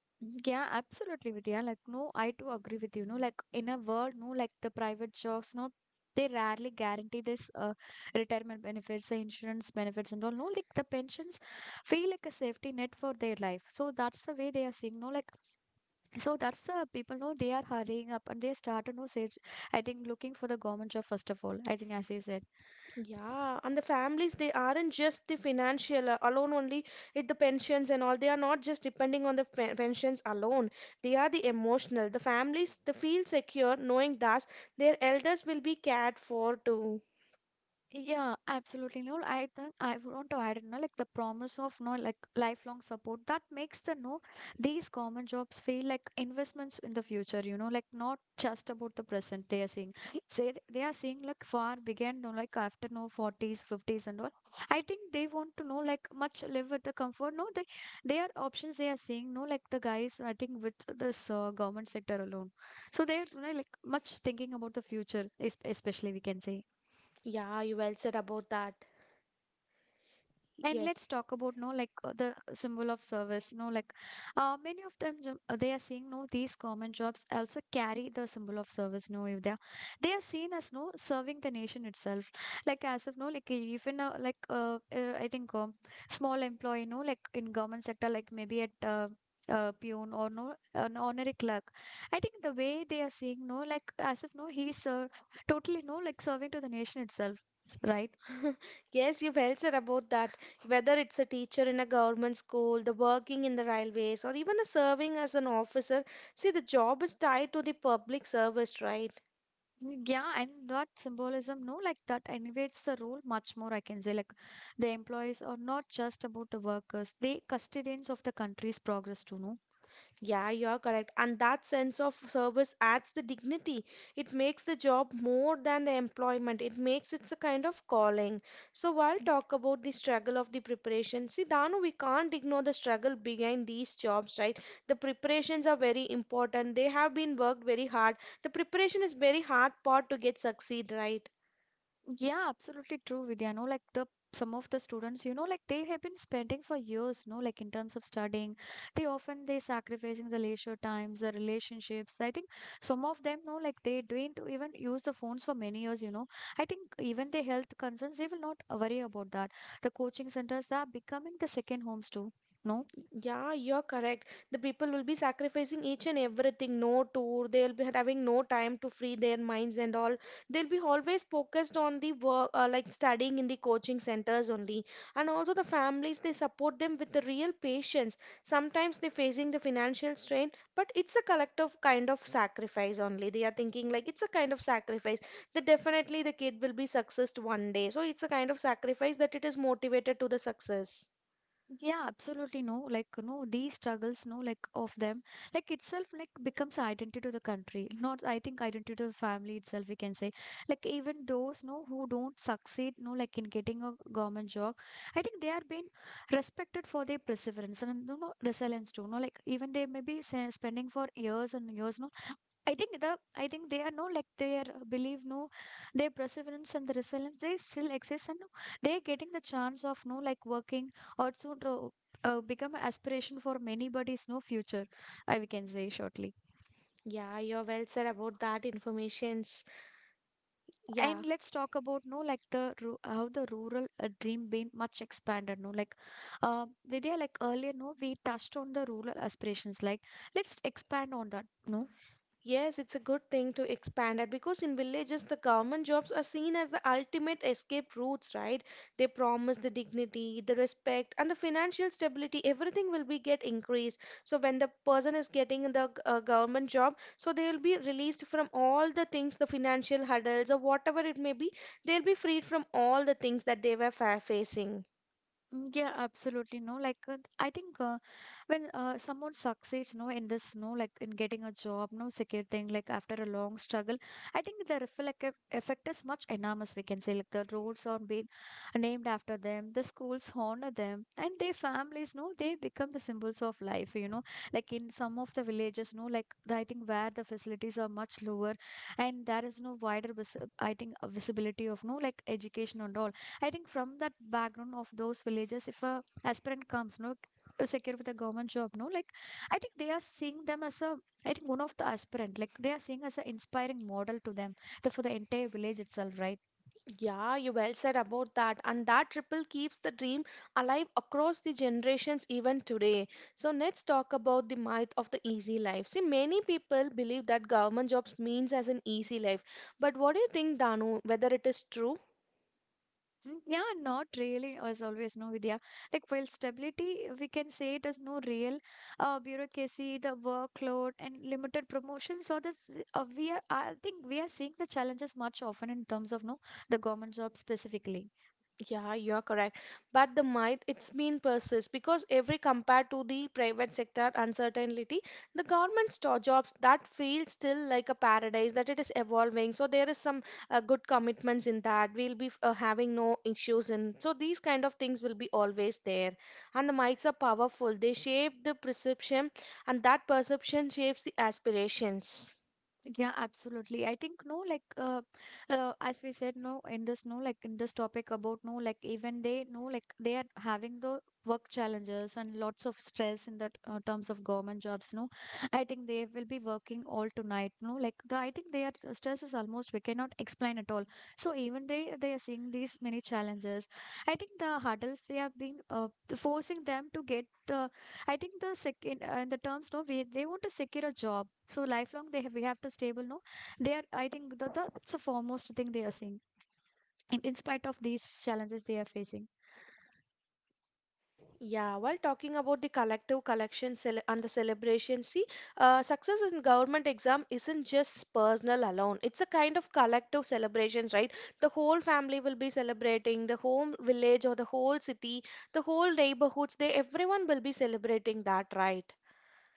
A: Yeah, absolutely, Vidya. Like no, I too agree with you, no, like in a word, no, like the private jobs, no, they rarely guarantee this retirement benefits, the insurance benefits, and all, no, like the pensions feel like a safety net for their life, so that's the way they are seeing, no, like so that's the people know they are hurrying up and they start to know sage. I think looking for the government job first of all, I think as you said.
B: Yeah, and the families, they aren't just the financial alone only, it the pensions and all, they are not just depending on the pensions alone. They are the emotional. The families, they feel secure knowing that their elders will be cared for too.
A: Yeah, absolutely. No, I think I would want to add, you know, like the promise of no, like lifelong support that makes the no these common jobs feel like investments in the future. You know, like not just about the present they are seeing. Say they are seeing like far beyond, no, like after no forties, fifties, and all. I think they want to know like much live with the comfort. No, they are options they are seeing. No, like the guys I think with this government sector alone, so they're you know, like much thinking about the future, especially we can say.
B: Yeah, you well said about that.
A: And
B: Yes.
A: let's talk about no like the symbol of service. No, like many of them they are seeing no these common jobs also carry the symbol of service. No, if they are they are seen as no serving the nation itself. Like as if no like even I think small employee no like in government sector like maybe at peon or no an honorary clerk. I think the way they are seeing no like as if no he's totally no like serving to the nation itself, right?
B: Yes, you well said about that. Whether it's a teacher in a government school, the working in the railways, or even a serving as an officer, see the job is tied to the public service, right?
A: Yeah, and that symbolism, no, like that elevates the role much more. I can say, like, the employees are not just about the workers, they custodians of the country's progress too, no?
B: Yeah, you're correct. And that sense of service adds the dignity. It makes the job more than the employment. It makes it a kind of calling. So while talk about the struggle of the preparation, see Danu, we can't ignore the struggle behind these jobs, right? The preparations are very important. They have been worked very hard. The preparation is very hard part to get succeed, right?
A: Yeah, absolutely true, Vidya. No, like the some of the students, you know, like they have been spending for years, no, like in terms of studying. They often they sacrificing the leisure times, the relationships. I think some of them, no, like they didn't even use the phones for many years, you know. I think even the health concerns, they will not worry about that. The coaching centers they are becoming the second homes too. No,
B: Yeah, you're correct. The people will be sacrificing each and everything. No tour, they'll be having no time to free their minds and all. They'll be always focused on the work, like studying in the coaching centers only. And also the families, they support them with the real patience. Sometimes they're facing the financial strain, but it's a collective kind of sacrifice only. They are thinking like it's a kind of sacrifice that definitely the kid will be successed one day. So it's a kind of sacrifice that it is motivated to the success.
A: yeah, absolutely no. Like, no, these struggles, no, like of them, like itself, like becomes identity to the country. Not, I think, identity to the family itself, we can say. Like, even those, no, who don't succeed, no, like in getting a government job, I think they are being respected for their perseverance and, you know, resilience too. No, like, even they may be spending for years and years, no, I think the I think they are no like their belief no their perseverance and the resilience they still exist and no, they getting the chance of no like working or soon to become aspiration for many bodies no future I we can say shortly.
B: Yeah, you're well said about that informations. Yeah.
A: And let's talk about no like the how the rural dream been much expanded no like Vidya like earlier no we touched on the rural aspirations, like let's expand on that no.
B: Yes, it's a good thing to expand that because in villages the government jobs are seen as the ultimate escape routes, right? They promise the dignity, the respect, and the financial stability. Everything will be get increased. So when the person is getting the government job, so they will be released from all the things, the financial hurdles or whatever it may be. They'll be freed from all the things that they were fa facing.
A: Mm, yeah, absolutely. No, like I think when someone succeeds, no, in this, no, like in getting a job, no secure thing, like after a long struggle, I think the reflective effect is much enormous. We can say like the roads are being named after them, the schools honor them, and their families, no, they become the symbols of life. You know, like in some of the villages, no, like the, I think where the facilities are much lower, and there is no wider, visibility of no like education and all. I think from that background of those villages, if a aspirant comes, no, secure with a government job, no, like I think they are seeing them as a, I think one of the aspirant, like they are seeing as an inspiring model to them, the, for the entire village itself, right?
B: Yeah, you well said about that. And that ripple keeps the dream alive across the generations even today. So let's talk about the myth of the easy life. See, many people believe that government jobs means as an easy life. But what do you think, Danu, whether it is true?
A: Mm, yeah, not really, as always, no, Vidya. Like, while stability, we can say it is no real bureaucracy, the workload, and limited promotion. So, I think we are seeing the challenges much often in terms of, no, the government job specifically.
B: Yeah, you're correct. But the myth, it's been persists because every compared to the private sector uncertainty, the jobs that feel still like a paradise that it is evolving. So there is some good commitments in that. We'll be having no issues in. So these kind of things will be always there. And the myths are powerful. They shape the perception, and that perception shapes the aspirations.
A: Yeah, absolutely. I think no, like as we said, no, in this no, like in this topic about no, like even they no, like they are having the work challenges and lots of stress in the terms of government jobs. No, I think they will be working all tonight. No, like the I think their stress is almost we cannot explain at all. So even they are seeing these many challenges. I think the hurdles they have been forcing them to get the. I think the second in the terms no, we they want to secure a job so lifelong they have we have to stable no they are I think the it's the foremost thing they are seeing in spite of these challenges they are facing.
B: Yeah, while talking about the and the celebration, see, success in government exam isn't just personal alone. It's a kind of collective celebrations, right? The whole family will be celebrating, the home village or the whole city, the whole neighborhoods. They everyone will be celebrating that, right?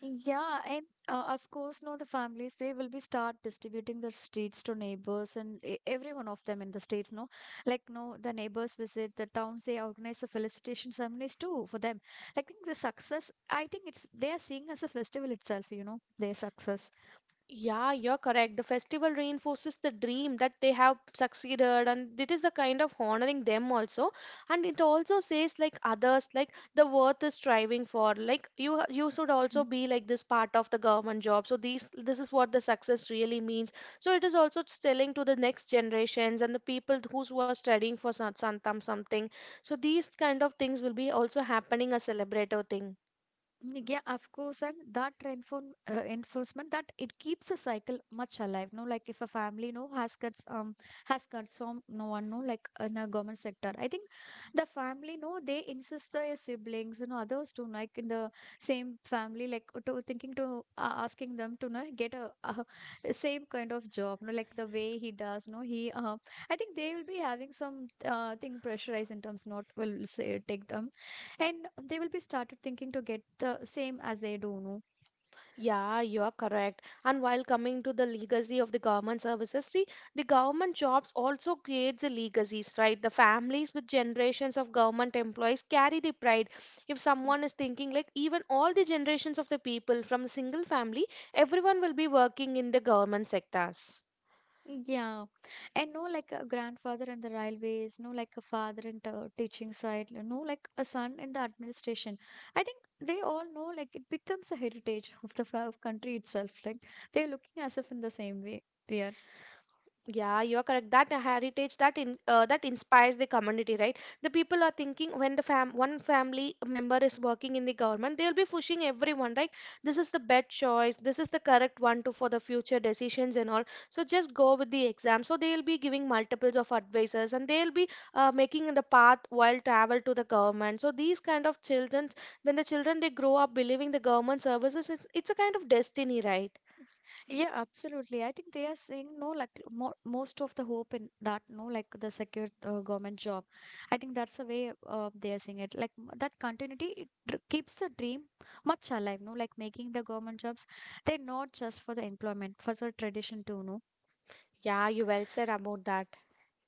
A: Yeah, and of course no the families they will be start distributing the streets to neighbors and every one of them in the states no like no the neighbors visit the towns they organize the felicitation ceremonies too for them. I think the success I think it's they are seeing as a festival itself, you know, their success.
B: Yeah, you're correct. The festival reinforces the dream that they have succeeded, and it is the kind of honoring them also. And it also says like others, like the worth is striving for. Like you should also be like this part of the government job. So these, this is what the success really means. So it is also telling to the next generations and the people who are studying for some something. So these kind of things will be also happening a celebrative thing.
A: Yeah, of course, and that enforcement that it keeps the cycle much alive. No, like if a family no has got some no one no like in a government sector. I think the family no they insist their siblings and others to like in the same family like to thinking to asking them to no, get a, same kind of job. No, like the way he does. No, he I think they will be having some thing pressurized in terms not will say take them and they will be started thinking to get the same as they do no.
B: Yeah, you are correct. And while coming to the legacy of the government services, see, the government jobs also create the legacies, right? The families with generations of government employees carry the pride. If someone is thinking, like, even all the generations of the people from a single family, everyone will be working in the government sectors.
A: Yeah, and no like a grandfather in the railways no like a father in the teaching side, you know, like a son in the administration. I think they all know like it becomes a heritage of the of country itself like they're looking as if in the same way we are.
B: Yeah, you are correct. That heritage that in that inspires the community, right? The people are thinking when the fam one family member is working in the government, they'll be pushing everyone, right? This is the best choice. This is the correct one to for the future decisions and all. So just go with the exam. So they'll be giving multiples of advices and they'll be making the path while travel to the government. So these kind of children, when the children they grow up believing the government services, it's a kind of destiny, right?
A: Yeah, absolutely. I think they are seeing no like mo most of the hope in that, no, like the secure government job. I think that's the way they are seeing it. Like that continuity it keeps the dream much alive, no, like making the government jobs. They're not just for the employment, for the tradition too, no.
B: Yeah, you well said about that.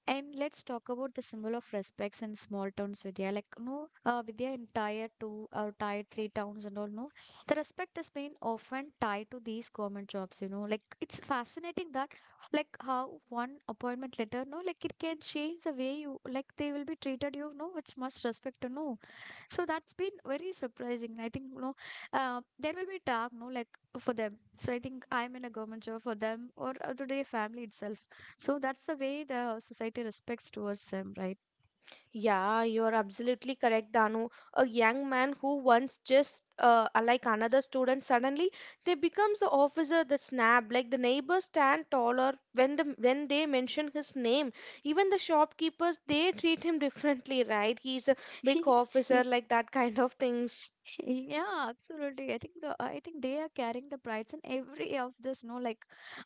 A: And let's talk about the symbol of respects in small towns, Vidya. Like, no, Vidya, in tier two or tier three towns and all, no, the respect has been often tied to these government jobs, you know. Like, it's fascinating that, like, how one appointment letter, no, like, it can change the way you, like, they will be treated, you know, with much respect, you know, so that's been very surprising I think, you know. There will be talk no like for them, so I think I'm in a government job for them or to their family itself, so that's the way the society respects towards them, right?
B: Yeah, you're absolutely correct, Danu. A young man who once just like another student, suddenly they becomes the officer, the snap, like the neighbors stand taller when the when they mention his name. Even the shopkeepers, they treat him differently, right? He's a big officer, like that kind of things.
A: Yeah, absolutely. I think they are carrying the prides in every of this, no, like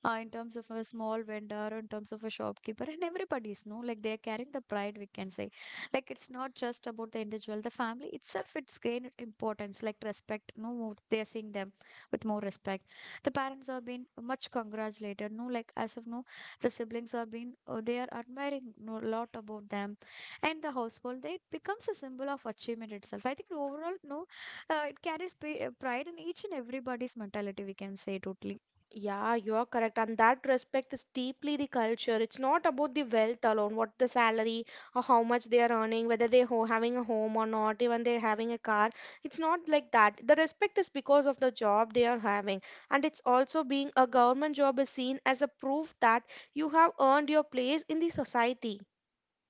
A: in terms of a small vendor, in terms of a shopkeeper, and everybody's, no, like they are carrying the pride, we can say. Like it's not just about the individual, the family itself, it's gained importance, like respect, no, they are seeing them with more respect. The parents are being much congratulated, no, like as of no, the siblings are being, they are admiring no, a lot about them, and the household, they it becomes a symbol of achievement itself. I think overall, no, it carries pride in each and everybody's mentality, we can say, totally.
B: Yeah, you are correct. And that respect is deeply the culture. It's not about the wealth alone, what the salary or how much they are earning, whether they ho having a home or not, even they're having a car. It's not like that. The respect is because of the job they are having. And it's also being a government job is seen as a proof that you have earned your place in the society.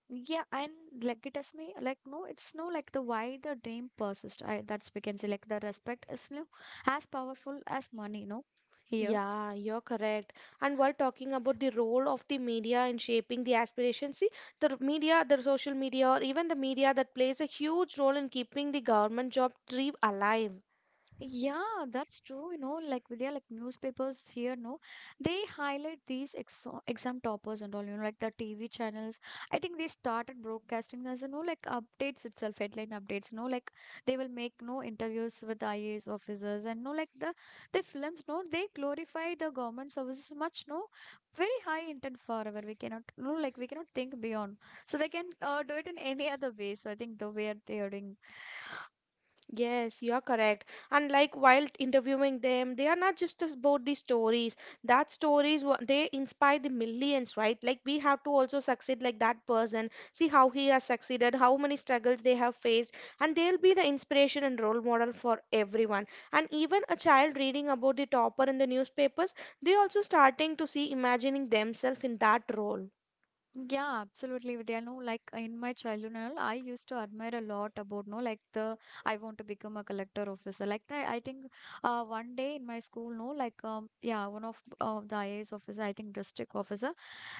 A: Yeah, and like it has me, like no, it's no, like the why the dream persists, I, that's we can say, like the respect is no as powerful as money, no, here.
B: Yeah, you're correct. And while talking about the role of the media in shaping the aspirations, see, the media, the social media, or even the media that plays a huge role in keeping the government job dream alive.
A: Yeah, that's true. You know, like Vidya, like newspapers here, no, they highlight these ex exam toppers and all, you know, like the TV channels. I think they started broadcasting as, you know, like updates itself, headline updates, no, like they will make no interviews with IAS officers and no, like the films, no, they glorify the government services much, no, very high intent forever. We cannot, no, like we cannot think beyond. So they can do it in any other way. So I think the way they are doing.
B: Yes, you're correct. And like while interviewing them, they are not just about the stories. That stories they inspire the millions, right? Like we have to also succeed like that person. See how he has succeeded, how many struggles they have faced, and they'll be the inspiration and role model for everyone. And even a child reading about the topper in the newspapers, they also starting to see imagining themselves in that role.
A: Yeah, absolutely, Vidya. No, like in my childhood and all, I used to admire a lot about, no, like the I want to become a collector officer. Like I think, one day in my school, no, like yeah, one of the IAS officer, I think district officer.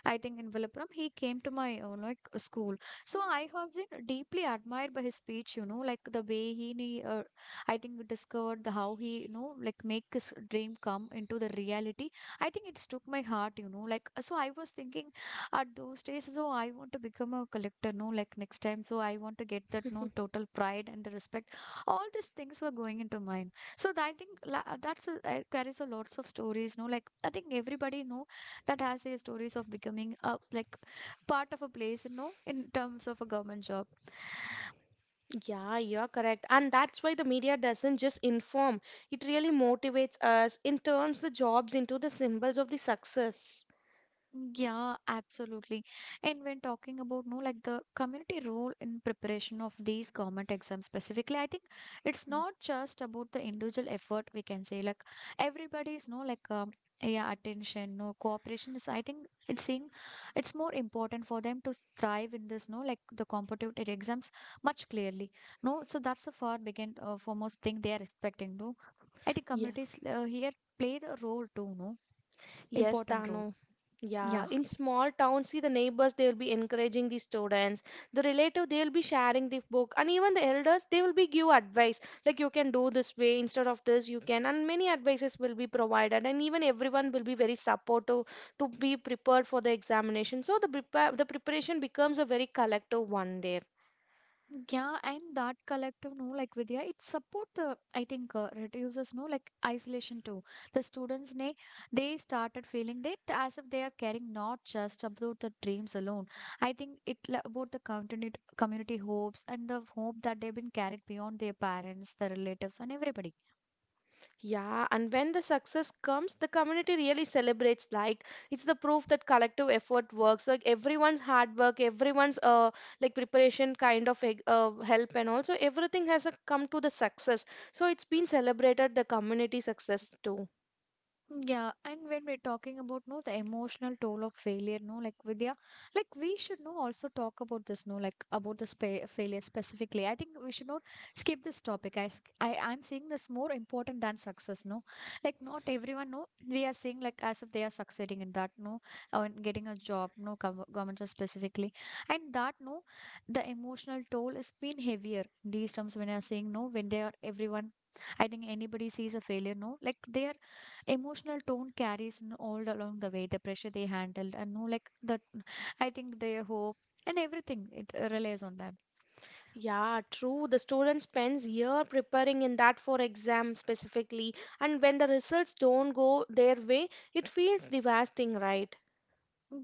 A: I think in Vilupuram, he came to my like school. So I have been deeply admired by his speech, you know, like the way he, I think discovered the how he, you know, like make his dream come into the reality. I think it struck my heart, you know, like so I was thinking at those days, so I want to become a collector, no, like next time. So I want to get that no total pride and the respect. All these things were going into mine. So I think that's a, carries a lots of stories, no, like I think everybody know that has their stories of becoming a, like, part of a place, you know, in terms of a government job.
B: Yeah, you're correct. And that's why the media doesn't just inform, it really motivates us and turns the jobs into the symbols of the success.
A: Yeah, absolutely. And when talking about, no, like the community role in preparation of these government exams specifically, I think it's not just about the individual effort, we can say, like everybody is, no, like, yeah, attention, no, cooperation is, I think, it's seeing it's more important for them to thrive in this, no, like the competitive exams, much clearly, no, so that's the far begin foremost thing they are expecting, no. I think communities here play the role too, no,
B: Yes,
A: important role,
B: Tano. Yeah,
A: yeah.
B: in small towns, see the neighbors, they will be encouraging the students. The relative, they will be sharing the book, and even the elders, they will be give advice like you can do this way instead of this, you can, and many advices will be provided, and even everyone will be very supportive to be prepared for the examination. So the prepare the preparation becomes a very collective one there.
A: Yeah, and that collective, no, like Vidya, it support the, I think, reduces, no, like isolation too. The students, ne, they started feeling that as if they are caring not just about the dreams alone. I think it about the community hopes and the hope that they've been carried beyond their parents, their relatives, and everybody.
B: Yeah, and when the success comes, the community really celebrates. Like it's the proof that collective effort works. Like everyone's hard work, everyone's like preparation kind of help, and also everything has come to the success. So it's been celebrated the community success too.
A: Yeah, and when we're talking about, no, the emotional toll of failure, no, like Vidya, like we should know also talk about this, no, like about the spa failure specifically. I think we should not skip this topic. I, s- I I'm seeing this more important than success, no, like not everyone, no, we are seeing like as if they are succeeding in that, no, or in getting a job, no, government job specifically, and that, no, the emotional toll is been heavier these terms when I are saying, no, when they are everyone. I think anybody sees a failure, no, like they are emotional tone carries you all along the way the pressure they handled, and no like that, I think their hope and everything, it relies on that.
B: Yeah, true. The student spends year preparing in that for exam specifically, and when the results don't go their way, it feels devastating, right?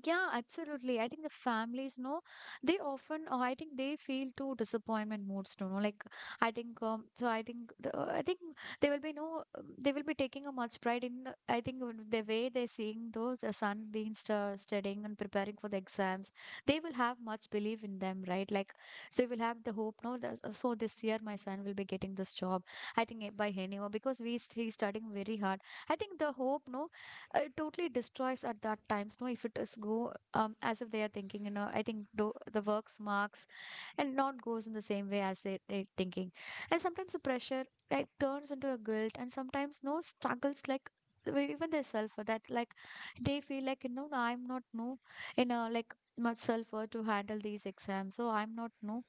A: Yeah, absolutely. I think the families know they often, I think they feel too disappointment moods, you know. Like, I think, so I think, the, I think they will be, no, they will be taking a much pride in, I think, the way they're seeing those, the son being studying and preparing for the exams. They will have much belief in them, right? Like, so they will have the hope, no, that, so this year my son will be getting this job. I think by anyhow, because we st he's studying very hard. I think the hope, no, it totally destroys at that times, no, if it is go as if they are thinking, you know, I think do, the works marks and not goes in the same way as they thinking, and sometimes the pressure, right, turns into a guilt, and sometimes no struggles like even their self for that, like they feel like, you know, I'm not, no, in a like much self worth to handle these exams, so I'm not, no,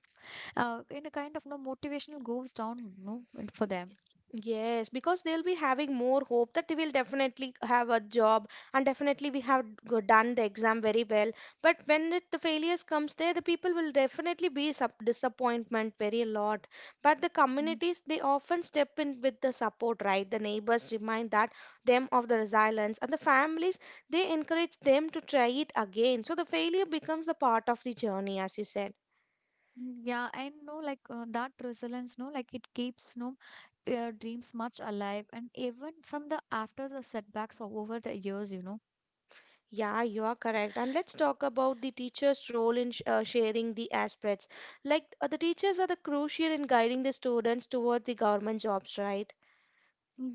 A: in a kind of no motivational goes down, no, for them.
B: Yes, because they'll be having more hope that they will definitely have a job and definitely we have done the exam very well. But when it, the failures comes there, the people will definitely be sub disappointment very a lot. But the communities, they often step in with the support, right? The neighbors remind that them of the resilience and the families, they encourage them to try it again. So the failure becomes the part of the journey, as you said.
A: Mm, yeah, and no, like that resilience, no, like it keeps no their dreams much alive, and even from the after the setbacks or over the years, you know.
B: Yeah, you are correct. And let's talk about the teacher's role in sharing the aspects. Like the teachers are the crucial in guiding the students toward the government jobs, right?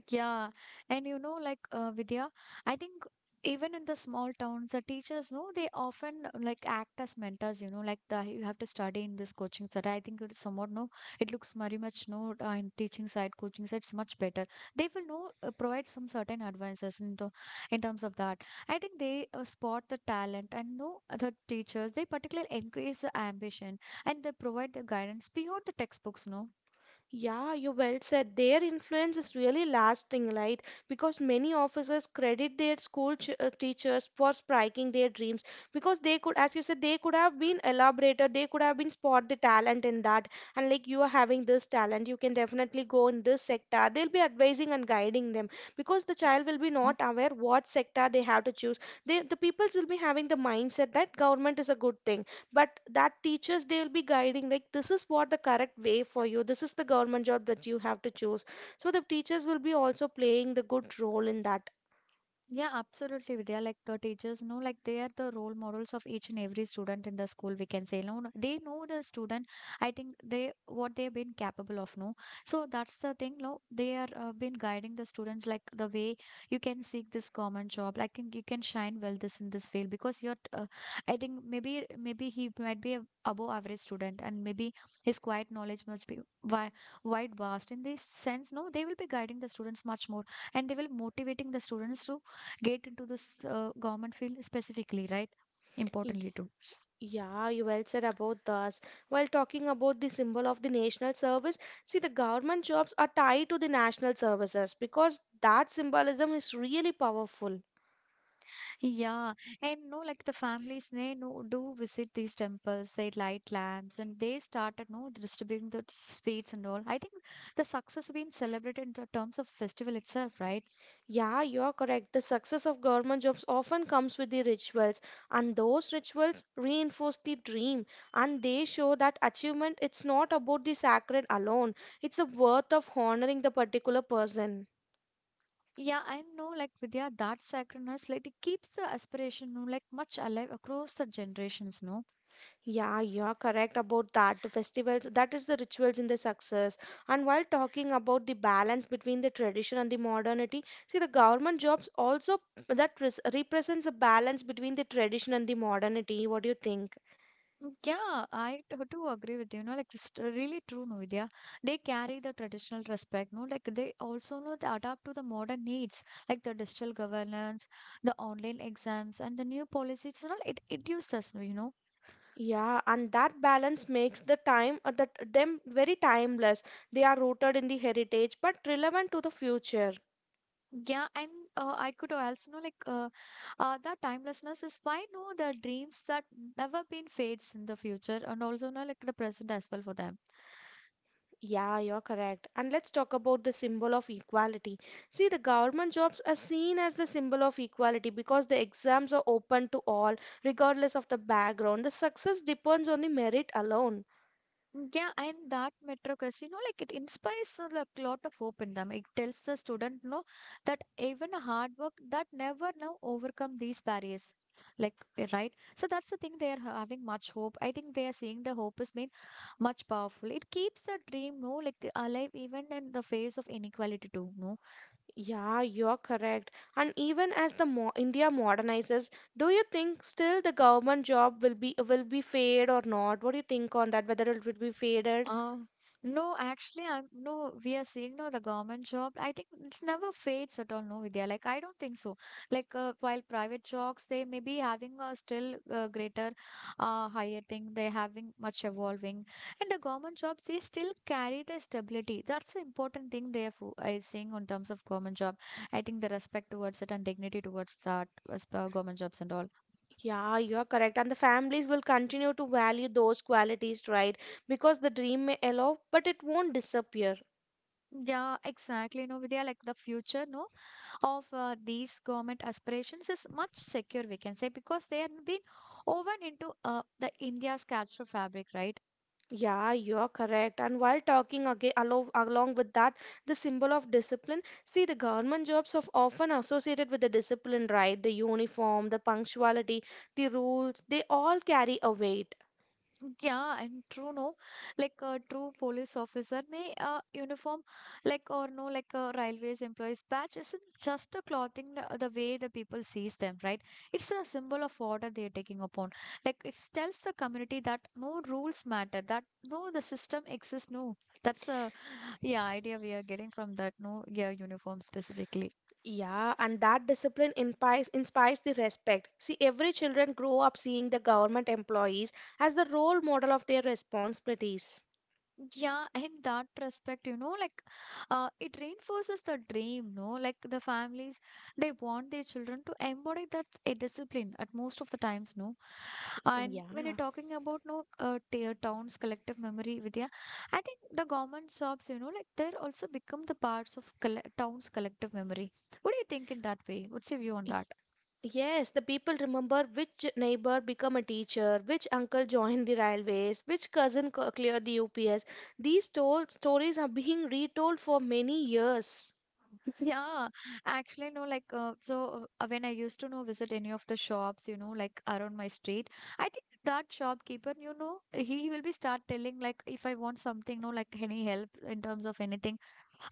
A: Yeah, and you know, like Vidya, I think even in the small towns, the teachers, no, they often like act as mentors. You know, like the, you have to study in this coaching center. I think it's somewhat, no, it looks very much, no, in teaching side, coaching side, it's much better. They will know provide some certain advances in to, in terms of that. I think they spot the talent, and no, the teachers, they particularly increase the ambition and they provide the guidance beyond the textbooks. No.
B: Yeah, you well said. Their influence is really lasting, right? Because many officers credit their school ch teachers for spiking their dreams because they could, as you said, they could have been elaborated, they could have been spot the talent in that. And like you are having this talent, you can definitely go in this sector. They'll be advising and guiding them because the child will be not
A: Mm.
B: aware what sector they have to choose. They, the peoples will be having the mindset that government is a good thing but that teachers they'll be guiding like this is what the correct way for you, this is the government job that you have to choose, so the teachers will be also playing the good role in that.
A: Yeah, absolutely, Vidya. Like the teachers know, like they are the role models of each and every student in the school. We can say, no, no, they know the student. I think they what they've been capable of. No, so that's the thing. No, they are been guiding the students like the way you can seek this common job. Like think you can shine well this in this field because you're. I think maybe he might be a above average student, and maybe his quiet knowledge must be wi- wide vast in this sense, no, they will be guiding the students much more, and they will motivating the students to get into this government field specifically, right?
B: Y-
A: Importantly too.
B: Yeah, you well said about this. While talking about the symbol of the national service, see the government jobs are tied to the national services because that symbolism is really powerful.
A: Yeah, and no, like the families, they no do visit these temples, they light lamps, and they started no distributing the sweets and all. I think the success being celebrated in the terms of festival itself, right?
B: Yeah, you are correct. The success of government jobs often comes with the rituals, and those rituals reinforce the dream and they show that achievement it's not about the sacred alone. It's the worth of honoring the particular person.
A: Yeah, I know, like Vidya, that sacredness, like it keeps the aspiration, no, like much alive across the generations, no.
B: Yeah, you are correct about that. The festivals, that is the rituals in the success. And while talking about the balance between the tradition and the modernity, see the government jobs also that represents a balance between the tradition and the modernity. What do you think?
A: Mm, yeah, I do agree with you. No, like it's really true, no, Vidya. They carry the traditional respect, no, like they also know they adapt to the modern needs, like the digital governance, the online exams, and the new policies. You know, it uses, no, you know.
B: Yeah, and that balance makes the time that them very timeless. They are rooted in the heritage but relevant to the future.
A: Yeah, and I could also know like the timelessness is why no the dreams that never been fades in the future, and also, no, like the present as well for them.
B: Yeah, you're correct. And let's talk about the symbol of equality. See, the government jobs are seen as the symbol of equality because the exams are open to all, regardless of the background. The success depends on the merit alone.
A: Yeah, and that Metro Casino, like it inspires a, like, lot of hope in them. It tells the student, no, that even a hard work that never now overcome these barriers. Like right, so that's the thing they are having much hope. I think they are seeing the hope is made much powerful. It keeps the dream, no, like the alive even in the face of inequality too. No,
B: Yeah, you're correct. And even as the mo India modernizes, do you think still the government job will be fade or not? What do you think on that? Whether it will be faded?
A: Uh, no, actually, I'm no, we are seeing no, the government job. I think it never fades at all, no, Vidya. Like, I don't think so. Like, while private jobs, they may be having a still greater, higher thing, they're having much evolving, and the government jobs they still carry the stability. That's the important thing they are I seeing in terms of government job. I think the respect towards it and dignity towards that as per government jobs and all.
B: Yeah, you are correct. And the families will continue to value those qualities, right? Because the dream may allow, but it won't disappear.
A: Yeah, exactly. No, Vidya, like the future, no. Of these government aspirations is much secure, we can say, because they have been woven into the india's cultural fabric, right?
B: Yeah, you're correct. And while talking aga alo along with that, the symbol of discipline, see, the government jobs are often associated with the discipline, right? The uniform, the punctuality, the rules, they all carry a weight.
A: Yeah, and true, no, like a true police officer may uniform, like, or no, like a railways employees badge isn't just a clothing, the way the people sees them, right? It's a symbol of order they're taking upon, like it tells the community that no, rules matter, that no, the system exists, no, that's a yeah, idea we are getting from that, no, yeah, uniform specifically.
B: Yeah, and that discipline inspires the respect. See, every children grow up seeing the government employees as the role model of their responsibilities.
A: Yeah, in that respect, you know, like it reinforces the dream, no, like the families, they want their children to embody that a discipline at most of the times, no. And
B: Yeah.
A: when you're talking about, no, tier towns, collective memory, Vidya, I think the government shops, you know, like they're also become the parts of town's collective memory. What do you think in that way? What's your view on that?
B: Yes, the people remember which neighbor become a teacher, which uncle joined the railways, which cousin cleared the UPS. These to stories are being retold for many years.
A: Yeah, actually, no, like, when I used to know visit any of the shops, you know, like around my street, I think that shopkeeper, you know, he will be start telling like if I want something, no, like any help in terms of anything,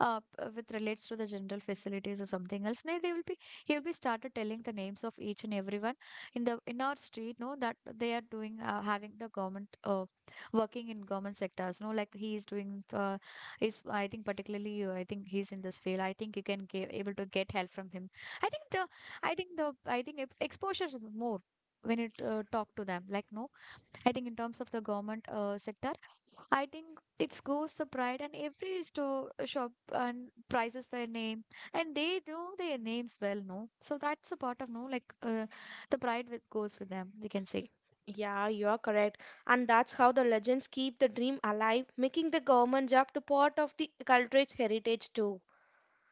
A: with relates to the general facilities or something else. Now they will be he will be started telling the names of each and everyone in the in our street, no, that they are doing having the government working in government sectors, no, like he is doing the he's, I think, particularly, I think he's in this field. I think you can get able to get help from him. I think the, I think exposure is more when it talk to them. Like no, I think in terms of the government sector, I think it goes the pride and every store shop and prices their name and they know their names well. No, so that's a part of no, like the pride with goes with them, they can say.
B: Yeah, you are correct. And that's how the legends keep the dream alive, making the government job the part of the cultural heritage too.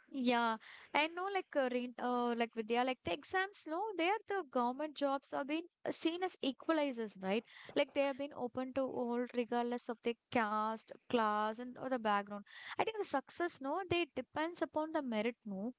A: Yeah, and no, like like Vidya, like the exams, no, they are the government jobs are being seen as equalizers, right? Like they have been open to all, regardless of their caste, class, and or the background. I think the success, no, they depends upon the merit, no.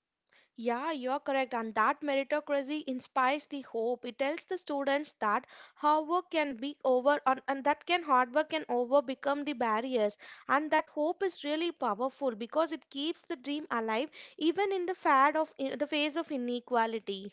B: Yeah, you're correct. And that meritocracy inspires the hope. It tells the students that hard work can be over and that can hard work can over become the barriers. And that hope is really powerful because it keeps the dream alive even in the fad of in the face of inequality.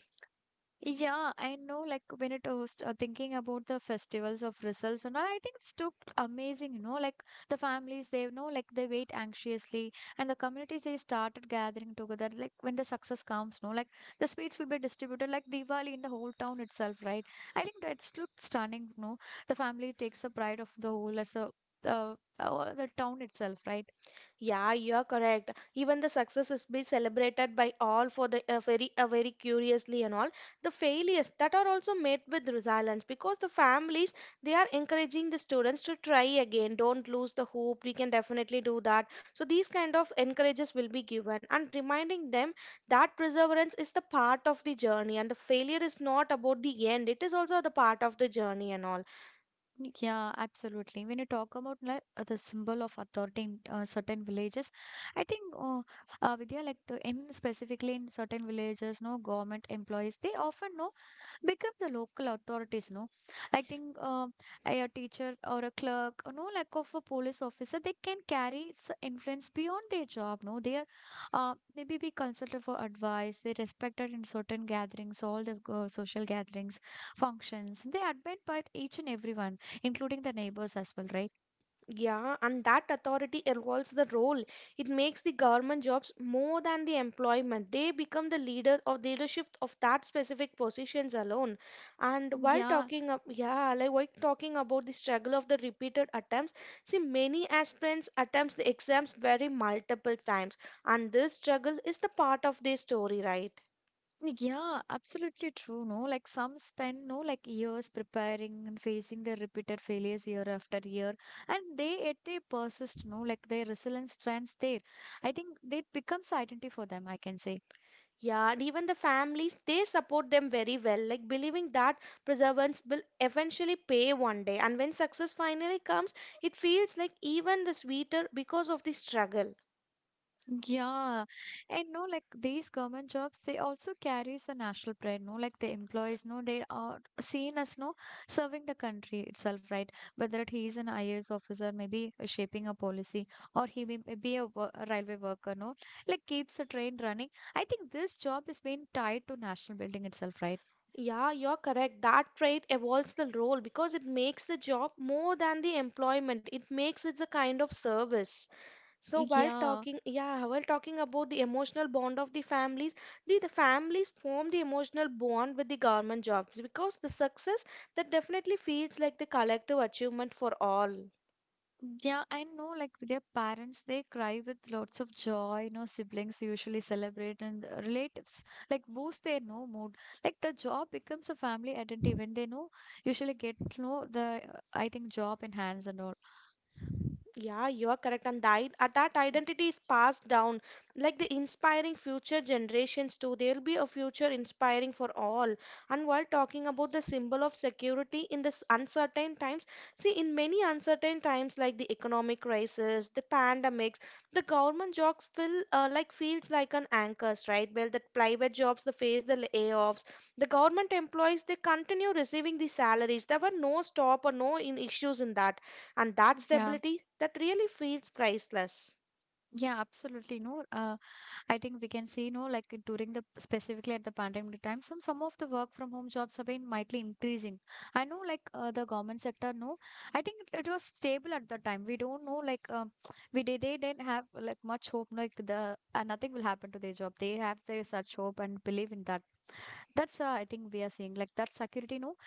A: Yeah, I know. Like when it was thinking about the festivals of results, and all, I think it's too amazing. You know, like the families, they know, like they wait anxiously, and the communities they started gathering together. Like when the success comes, no, like the sweets will be distributed, like Diwali in the whole town itself, right? I think that's look stunning. No, the family takes the pride of the whole as a the town itself, right?
B: Yeah, you're correct. Even the success is be celebrated by all for the very very curiously and all. The failures that are also met with resilience because the families they are encouraging the students to try again. Don't lose the hope. We can definitely do that. So these kind of encourages will be given and reminding them that perseverance is the part of the journey and the failure is not about the end. It is also the part of the journey and all.
A: Yeah, absolutely. When you talk about like the symbol of authority in certain villages, I think Vidya, like the in specifically in certain villages, no, government employees, they often know become the local authorities, no, I think a teacher or a clerk or no, like of a police officer, they can carry influence beyond their job, no, they are maybe be consulted for advice, they respected in certain gatherings, all the social gatherings, functions, they admit by each and everyone including the neighbors as well, right?
B: Yeah, and that authority evolves the role. It makes the government jobs more than the employment. They become the leader of leadership of that specific positions alone. And
A: Mm,
B: while
A: yeah.
B: talking up, yeah, like while talking about the struggle of the repeated attempts, see many aspirants attempts the exams very multiple times, and this struggle is the part of their story, right?
A: Yeah, absolutely true. No, like some spend, no, like years preparing and facing their repeated failures year after year, and they yet they persist. No, like their resilience stands there. I think it becomes identity for them, I can say.
B: Yeah, and even the families, they support them very well, like believing that perseverance will eventually pay one day. And when success finally comes, it feels like even the sweeter because of the struggle.
A: Yeah, and no, like these government jobs, they also carries the national pride. No, like the employees, no, they are seen as no serving the country itself, right? Whether he is an IAS officer, maybe shaping a policy, or he may be a, a railway worker, no, like keeps the train running. I think this job is being tied to national building itself, right?
B: Yeah, you're correct. That trait evolves the role because it makes the job more than the employment. It makes it a kind of service. So while
A: Yeah.
B: talking, yeah, while talking about the emotional bond of the families form the emotional bond with the government jobs because the success that definitely feels like the collective achievement for all.
A: Yeah, I know, like with their parents, they cry with lots of joy, you know, siblings usually celebrate and relatives like boost their no mood. Like the job becomes a family identity when they know usually get, you know, the I think job in hands and all.
B: Yeah, you are correct. And that, that identity is passed down like the inspiring future generations too. There will be a future inspiring for all. And while talking about the symbol of security in this uncertain times, see, in many uncertain times like the economic crisis, the pandemics, the government jobs feel like feels like an anchors, right? Well, the private jobs they face the layoffs. The government employees they continue receiving the salaries. There were no stop or no in issues in that and that
A: Yeah.
B: stability that really feels priceless.
A: Yeah, absolutely. No, I think we can see, no, like during the specifically at the pandemic time, some of the work from home jobs have been mightily increasing. I know, like the government sector, no, I think it was stable at the time. We don't know, like we did, they didn't have like much hope, like the nothing will happen to their job. They have their such hope and believe in that. That's I think we are seeing like that security, no,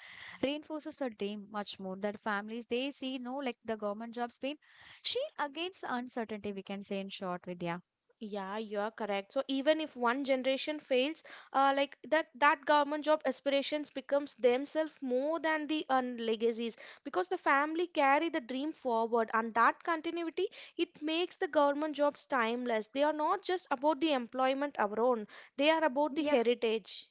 A: reinforces the dream much more. That families they see, no, like the government jobs being she against uncertainty, we can say in short, Vidya.
B: Yeah, you're correct. So even if one generation fails, like that, that government job aspirations becomes themselves more than the legacies because the family carry the dream forward, and that continuity it makes the government jobs timeless. They are not just about the employment alone; they are about the
A: Yeah,
B: heritage.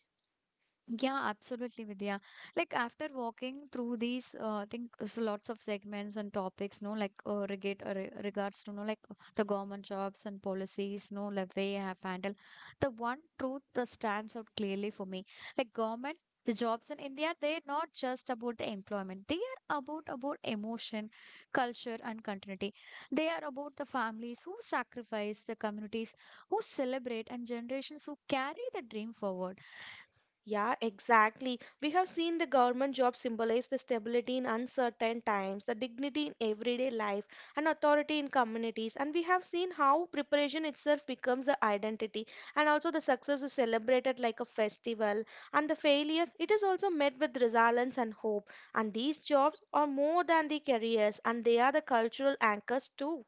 A: yeah, absolutely, Vidya. Like after walking through these, I think lots of segments and topics, no, like regards to, no, like the government jobs and policies, no, like way I have handled. The one truth that stands out clearly for me, like government, the jobs in India, they're not just about the employment. They are about emotion, culture, and continuity. They are about the families who sacrifice, the communities who celebrate, and generations who carry the dream forward.
B: Yeah, exactly. We have seen the government job symbolize the stability in uncertain times, the dignity in everyday life, and authority in communities. And we have seen how preparation itself becomes the identity, and also the success is celebrated like a festival, and the failure it is also met with resilience and hope. And these jobs are more than the careers, and they are the cultural anchors too.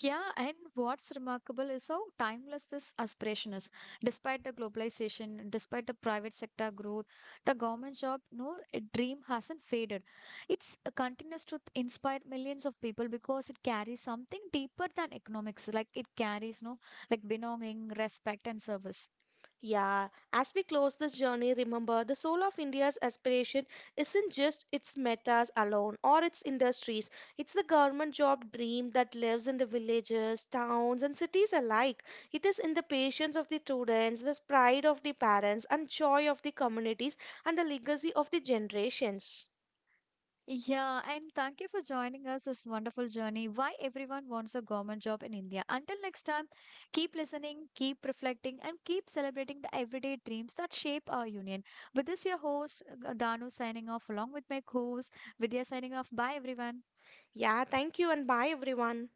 A: Yeah, and what's remarkable is how timeless this aspiration is. Despite the globalization, despite the private sector growth, the government job, no, a dream hasn't faded. It's continues to inspire millions of people because it carries something deeper than economics. Like it carries no like belonging, respect, and service.
B: Yeah, as we close this journey, remember the soul of India's aspiration isn't just its metas alone or its industries. It's the government job dream that lives in the villages, towns, and cities alike. It is in the patience of the students, the pride of the parents, and joy of the communities, and the legacy of the generations.
A: Yeah, and thank you for joining us this wonderful journey. Why everyone wants a government job in India. Until next time, keep listening, keep reflecting, and keep celebrating the everyday dreams that shape our union. With this, your host, Danu, signing off along with my co host, Vidya, signing off. Bye, everyone.
B: Yeah, thank you, and bye, everyone.